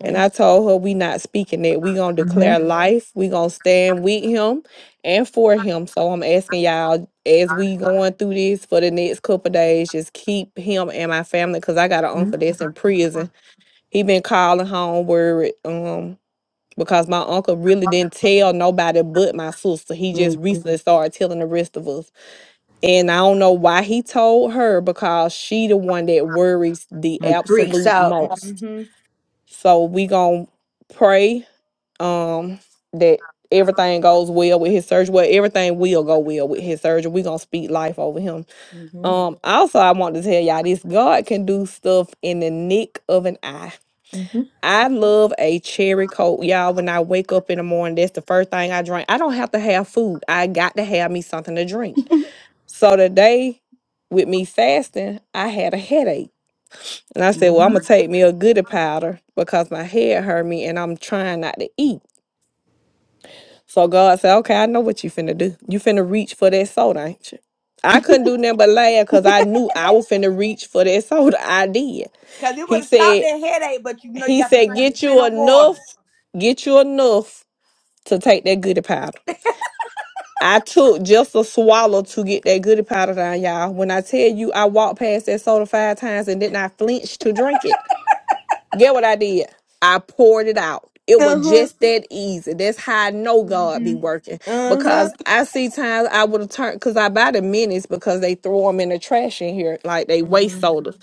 and I told her we not speaking it. We gonna Mhm. declare life. We gonna stand with him and for him. So I'm asking y'all as we going through this for the next couple days, just keep him and my family because I got an Mhm. uncle that's in prison. He been calling home worried. Um because my uncle really didn't tell nobody but my sister. He just Mm. recently started telling the rest of us. And I don't know why he told her because she the one that worries the Mhm. Greek absolute salt. most. Mhm. So we gonna pray um that everything goes well with his surgery. Well, everything will go well with his surgery. We're gonna speak life over him. Mhm. Um also I want to tell y'all this God can do stuff in the nick of an eye. I love a cherry coke, y'all. When I wake up in the morning, that's the first thing I drink. I don't have to have food. I got to have me something to drink. So today, with me fasting, I had a headache. And I said, Well, Mhm. I'm gonna take me a goody powder because my head hurt me and I'm trying not to eat. So God said, okay, I know what you finna do. You finna reach for that soda, ain't you? I couldn't do nothing but laugh because I knew I was finna reach for that soda. I did. Cause it would He have stopped said, that headache, but you know you he got to said, drink you get plenty you of enough, water. get you enough to take that goody powder. I took just a swallow to get that goody powder down, y'all. When I tell you I walked past that soda five times and did not flinch to drink it. Get what I did? I poured it out. It was Uh-huh. just that easy. That's how I know God hmm be working Uh-huh. because I see times I would have turned because I buy the minis because they throw them in the trash in here like they waste hmm sodas.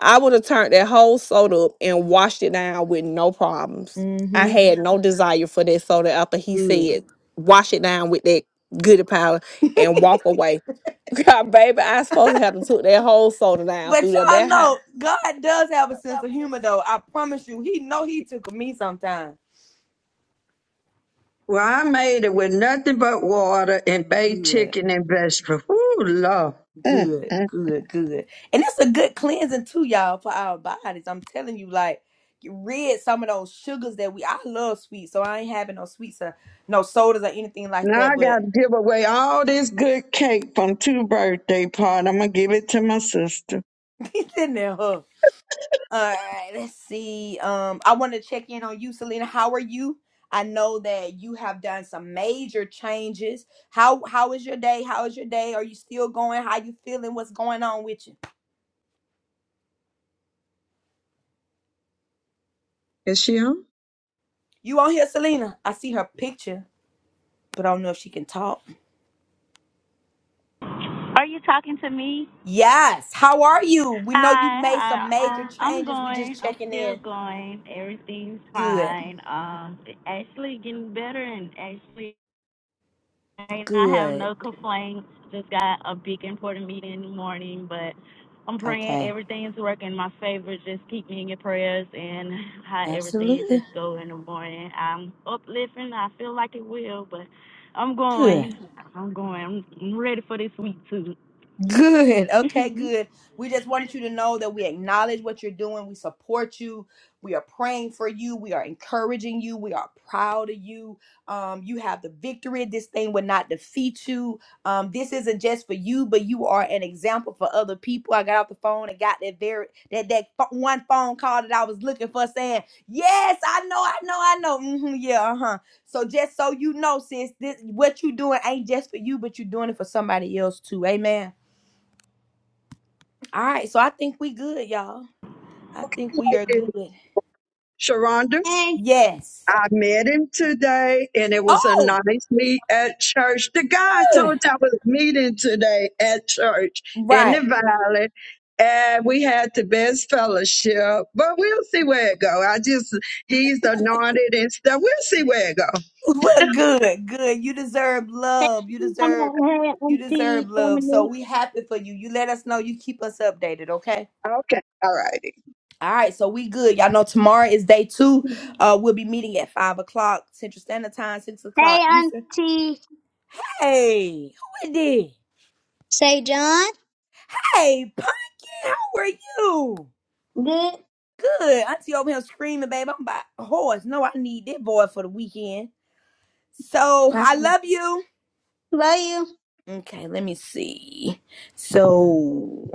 I would have turned that whole soda up and washed it down with no problems. I Mm-hmm. had no desire for that soda after he Good. said wash it down with that goody powder and walk away. God, baby, I supposed to have took that whole soda down But through there. y'all That know God does have a sense of humor, though. I promise you, He know He took me sometimes. Well, I made it with nothing but water and baked Good. chicken and vegetables. Ooh, love. Mm, Good. mm. Good. Good. And it's a good cleansing too, y'all, for our bodies. I'm telling you, like you rid some of those sugars that we I love sweet, so I ain't having no sweets or no sodas or anything like Now I that, but got to give away all this good cake from two birthday party. I'm gonna give it to my sister. it's in there. huh? All right, let's see. Um, I want to check in on you, Selena. How are you? I know that you have done some major changes. How how is your day? How is your day? Are you still going? How you feeling? What's going on with you? Is she on? You on here, Selena? I see her picture, but I don't know if she can talk. Are you talking to me? Yes. How are you? We know you Hi, made some hi. major Um, I'm changes. We going. just I'm checking still in. going. Everything's Good. fine. Um, actually getting better and actually I have Good. no complaints. Just got a big important meeting in the morning, but I'm praying Okay. everything's working in my favor. Just keep me in your prayers and how everything Absolutely. just go in the morning. I'm uplifting. I feel like it will, but I'm Good. going. I'm going. I'm I'm ready for this week too. Good. Okay, good. We just wanted you to know that we acknowledge what you're doing. We support you. We are praying for you. We are encouraging you. We are proud of you. Um, you have the victory. This thing will not defeat you. Um, this isn't just for you, but you are an example for other people. I got off the phone and got that very that that pho- one phone call that I was looking for, saying, "Yes, I know, I know, I know." hmm yeah, uh huh. So just so you know, sis, this what you doing ain't just for you, but you're doing it for somebody else too. Amen. All right, so I think we good, y'all. I think we Like are it, good. Sharonda. Hey, Yes. I met him today, and it was a Oh, nice meet at church. The guy I told good. you I was meeting today at church in Right. the valley, and we had the best fellowship. But we'll see where it go. I just he's anointed and stuff. We'll see where it go. We're good. Good. You deserve love. You come deserve on, hey, you Auntie deserve love. So Dominique. we happy for you. You let us know. You keep us updated, okay? Okay, all righty. All right, so we good. Y'all know tomorrow is day two. Uh we'll be meeting at five o'clock Central Standard Time, six Hey, o'clock Eastern. Auntie. Hey, Hey, who it is? Say, John, hey, Pumpkin, how are you? good. Good. Auntie over here screaming, babe. I'm about a horse. No, I need this boy for the weekend. So How I love you. Love you. Okay, let me see. So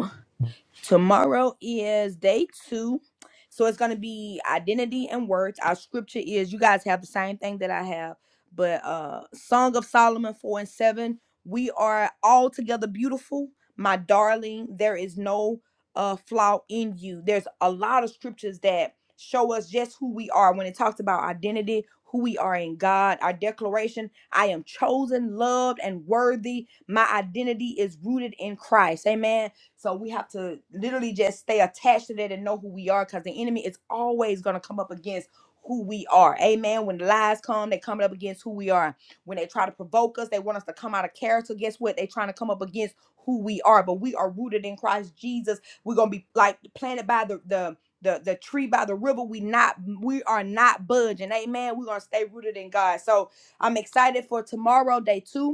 Tomorrow is day two. So it's going to be identity and words. Our scripture is you guys have the same thing that I have, but uh Song of Solomon 4 and 7. We are all together beautiful, my darling. There is no uh flaw in you. There's a lot of scriptures that show us just who we are when it talks about identity, who we are in God, our declaration, I am chosen, loved, and worthy. My identity is rooted in Christ. Amen so we have to literally just stay attached to that and know who we are because the enemy is always going to come up against who we are. Amen. When the lies come, they coming up against who we are. When they try to provoke us, they want us to come out of character. Guess what? They trying to come up against who we are. But we are rooted in Christ Jesus. We're gonna be like planted by the the the, the tree by the river. We not we are not budging. Amen. We're gonna stay rooted in God. So I'm excited for tomorrow, day two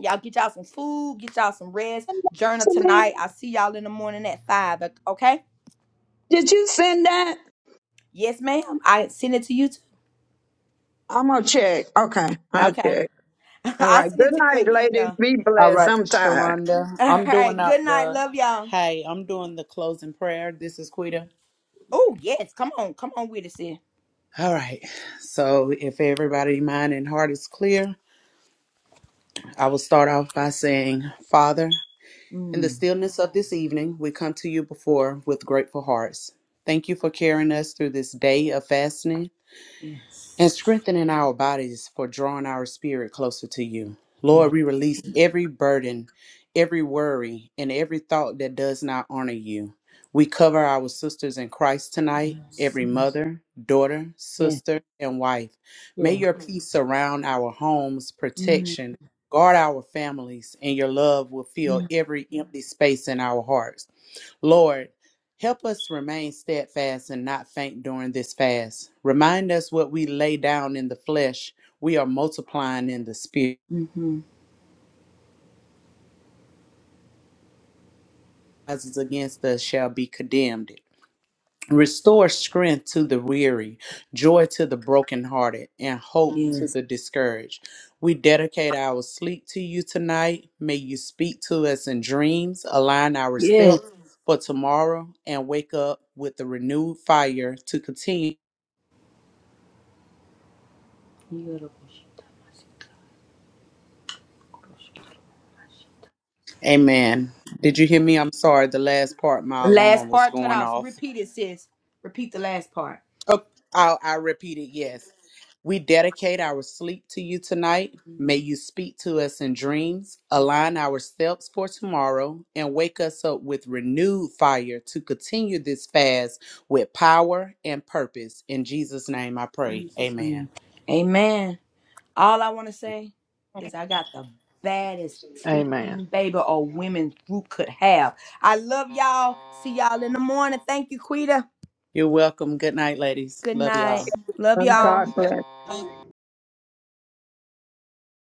Y'all get y'all some food, get y'all some rest. Send that Journal To me, tonight. I'll see y'all in the morning at five. Okay? did you send that? Yes, ma'am. I send it to you too. I'm gonna check. Okay, I'll Okay. check. All I'll right. send Good it to you night, again ladies. though. Be All blessed. right, I'm Uh, tired. Sharonda. All I'm right. doing out Good night. the Love y'all. hey, I'm doing the closing prayer. This is Quita. Oh yes. Come on. Come on with us here. All right. So if everybody mind and heart is clear, I will start off by saying, Father, in the stillness of this evening, we come to you before with grateful hearts. Thank you for carrying us through this day of fasting and strengthening our bodies for drawing our spirit closer to you. Lord, we release every burden, every worry, and every thought that does not honor you. We cover our sisters in Christ tonight, Yes. every mother, daughter, Yeah. sister, and wife. May Yeah. your peace surround our homes, Mm, protection, guard our families, and your love will fill mm, every empty space in our hearts. Lord, help us remain steadfast and not faint during this fast. Remind us what we lay down in the flesh, we are multiplying in the spirit. Mm-hmm. Rises against us shall be condemned. Restore strength to the weary, joy to the brokenhearted, and hope to Yes. the discouraged. We dedicate our sleep to you tonight. May you speak to us in dreams, align our Yeah. steps for tomorrow, and wake up with a renewed fire to continue Amen. Did you hear me? I'm sorry. The last part, my The last alarm was part cut going off. off. Repeat it, sis. Repeat the last part. Oh, I, I repeat it. Yes. We dedicate our sleep to you tonight. May you speak to us in dreams, align our steps for tomorrow, and wake us up with renewed fire to continue this fast with power and purpose. In Jesus' name I pray. Jesus Amen. name. Amen. All I want to say is I got the baddest Amen. teen baby or women group could have. I love y'all. See y'all in the morning. Thank you, Quita. You're welcome. Good night, ladies. Good Love y'all. night. Love y'all. God bless. all.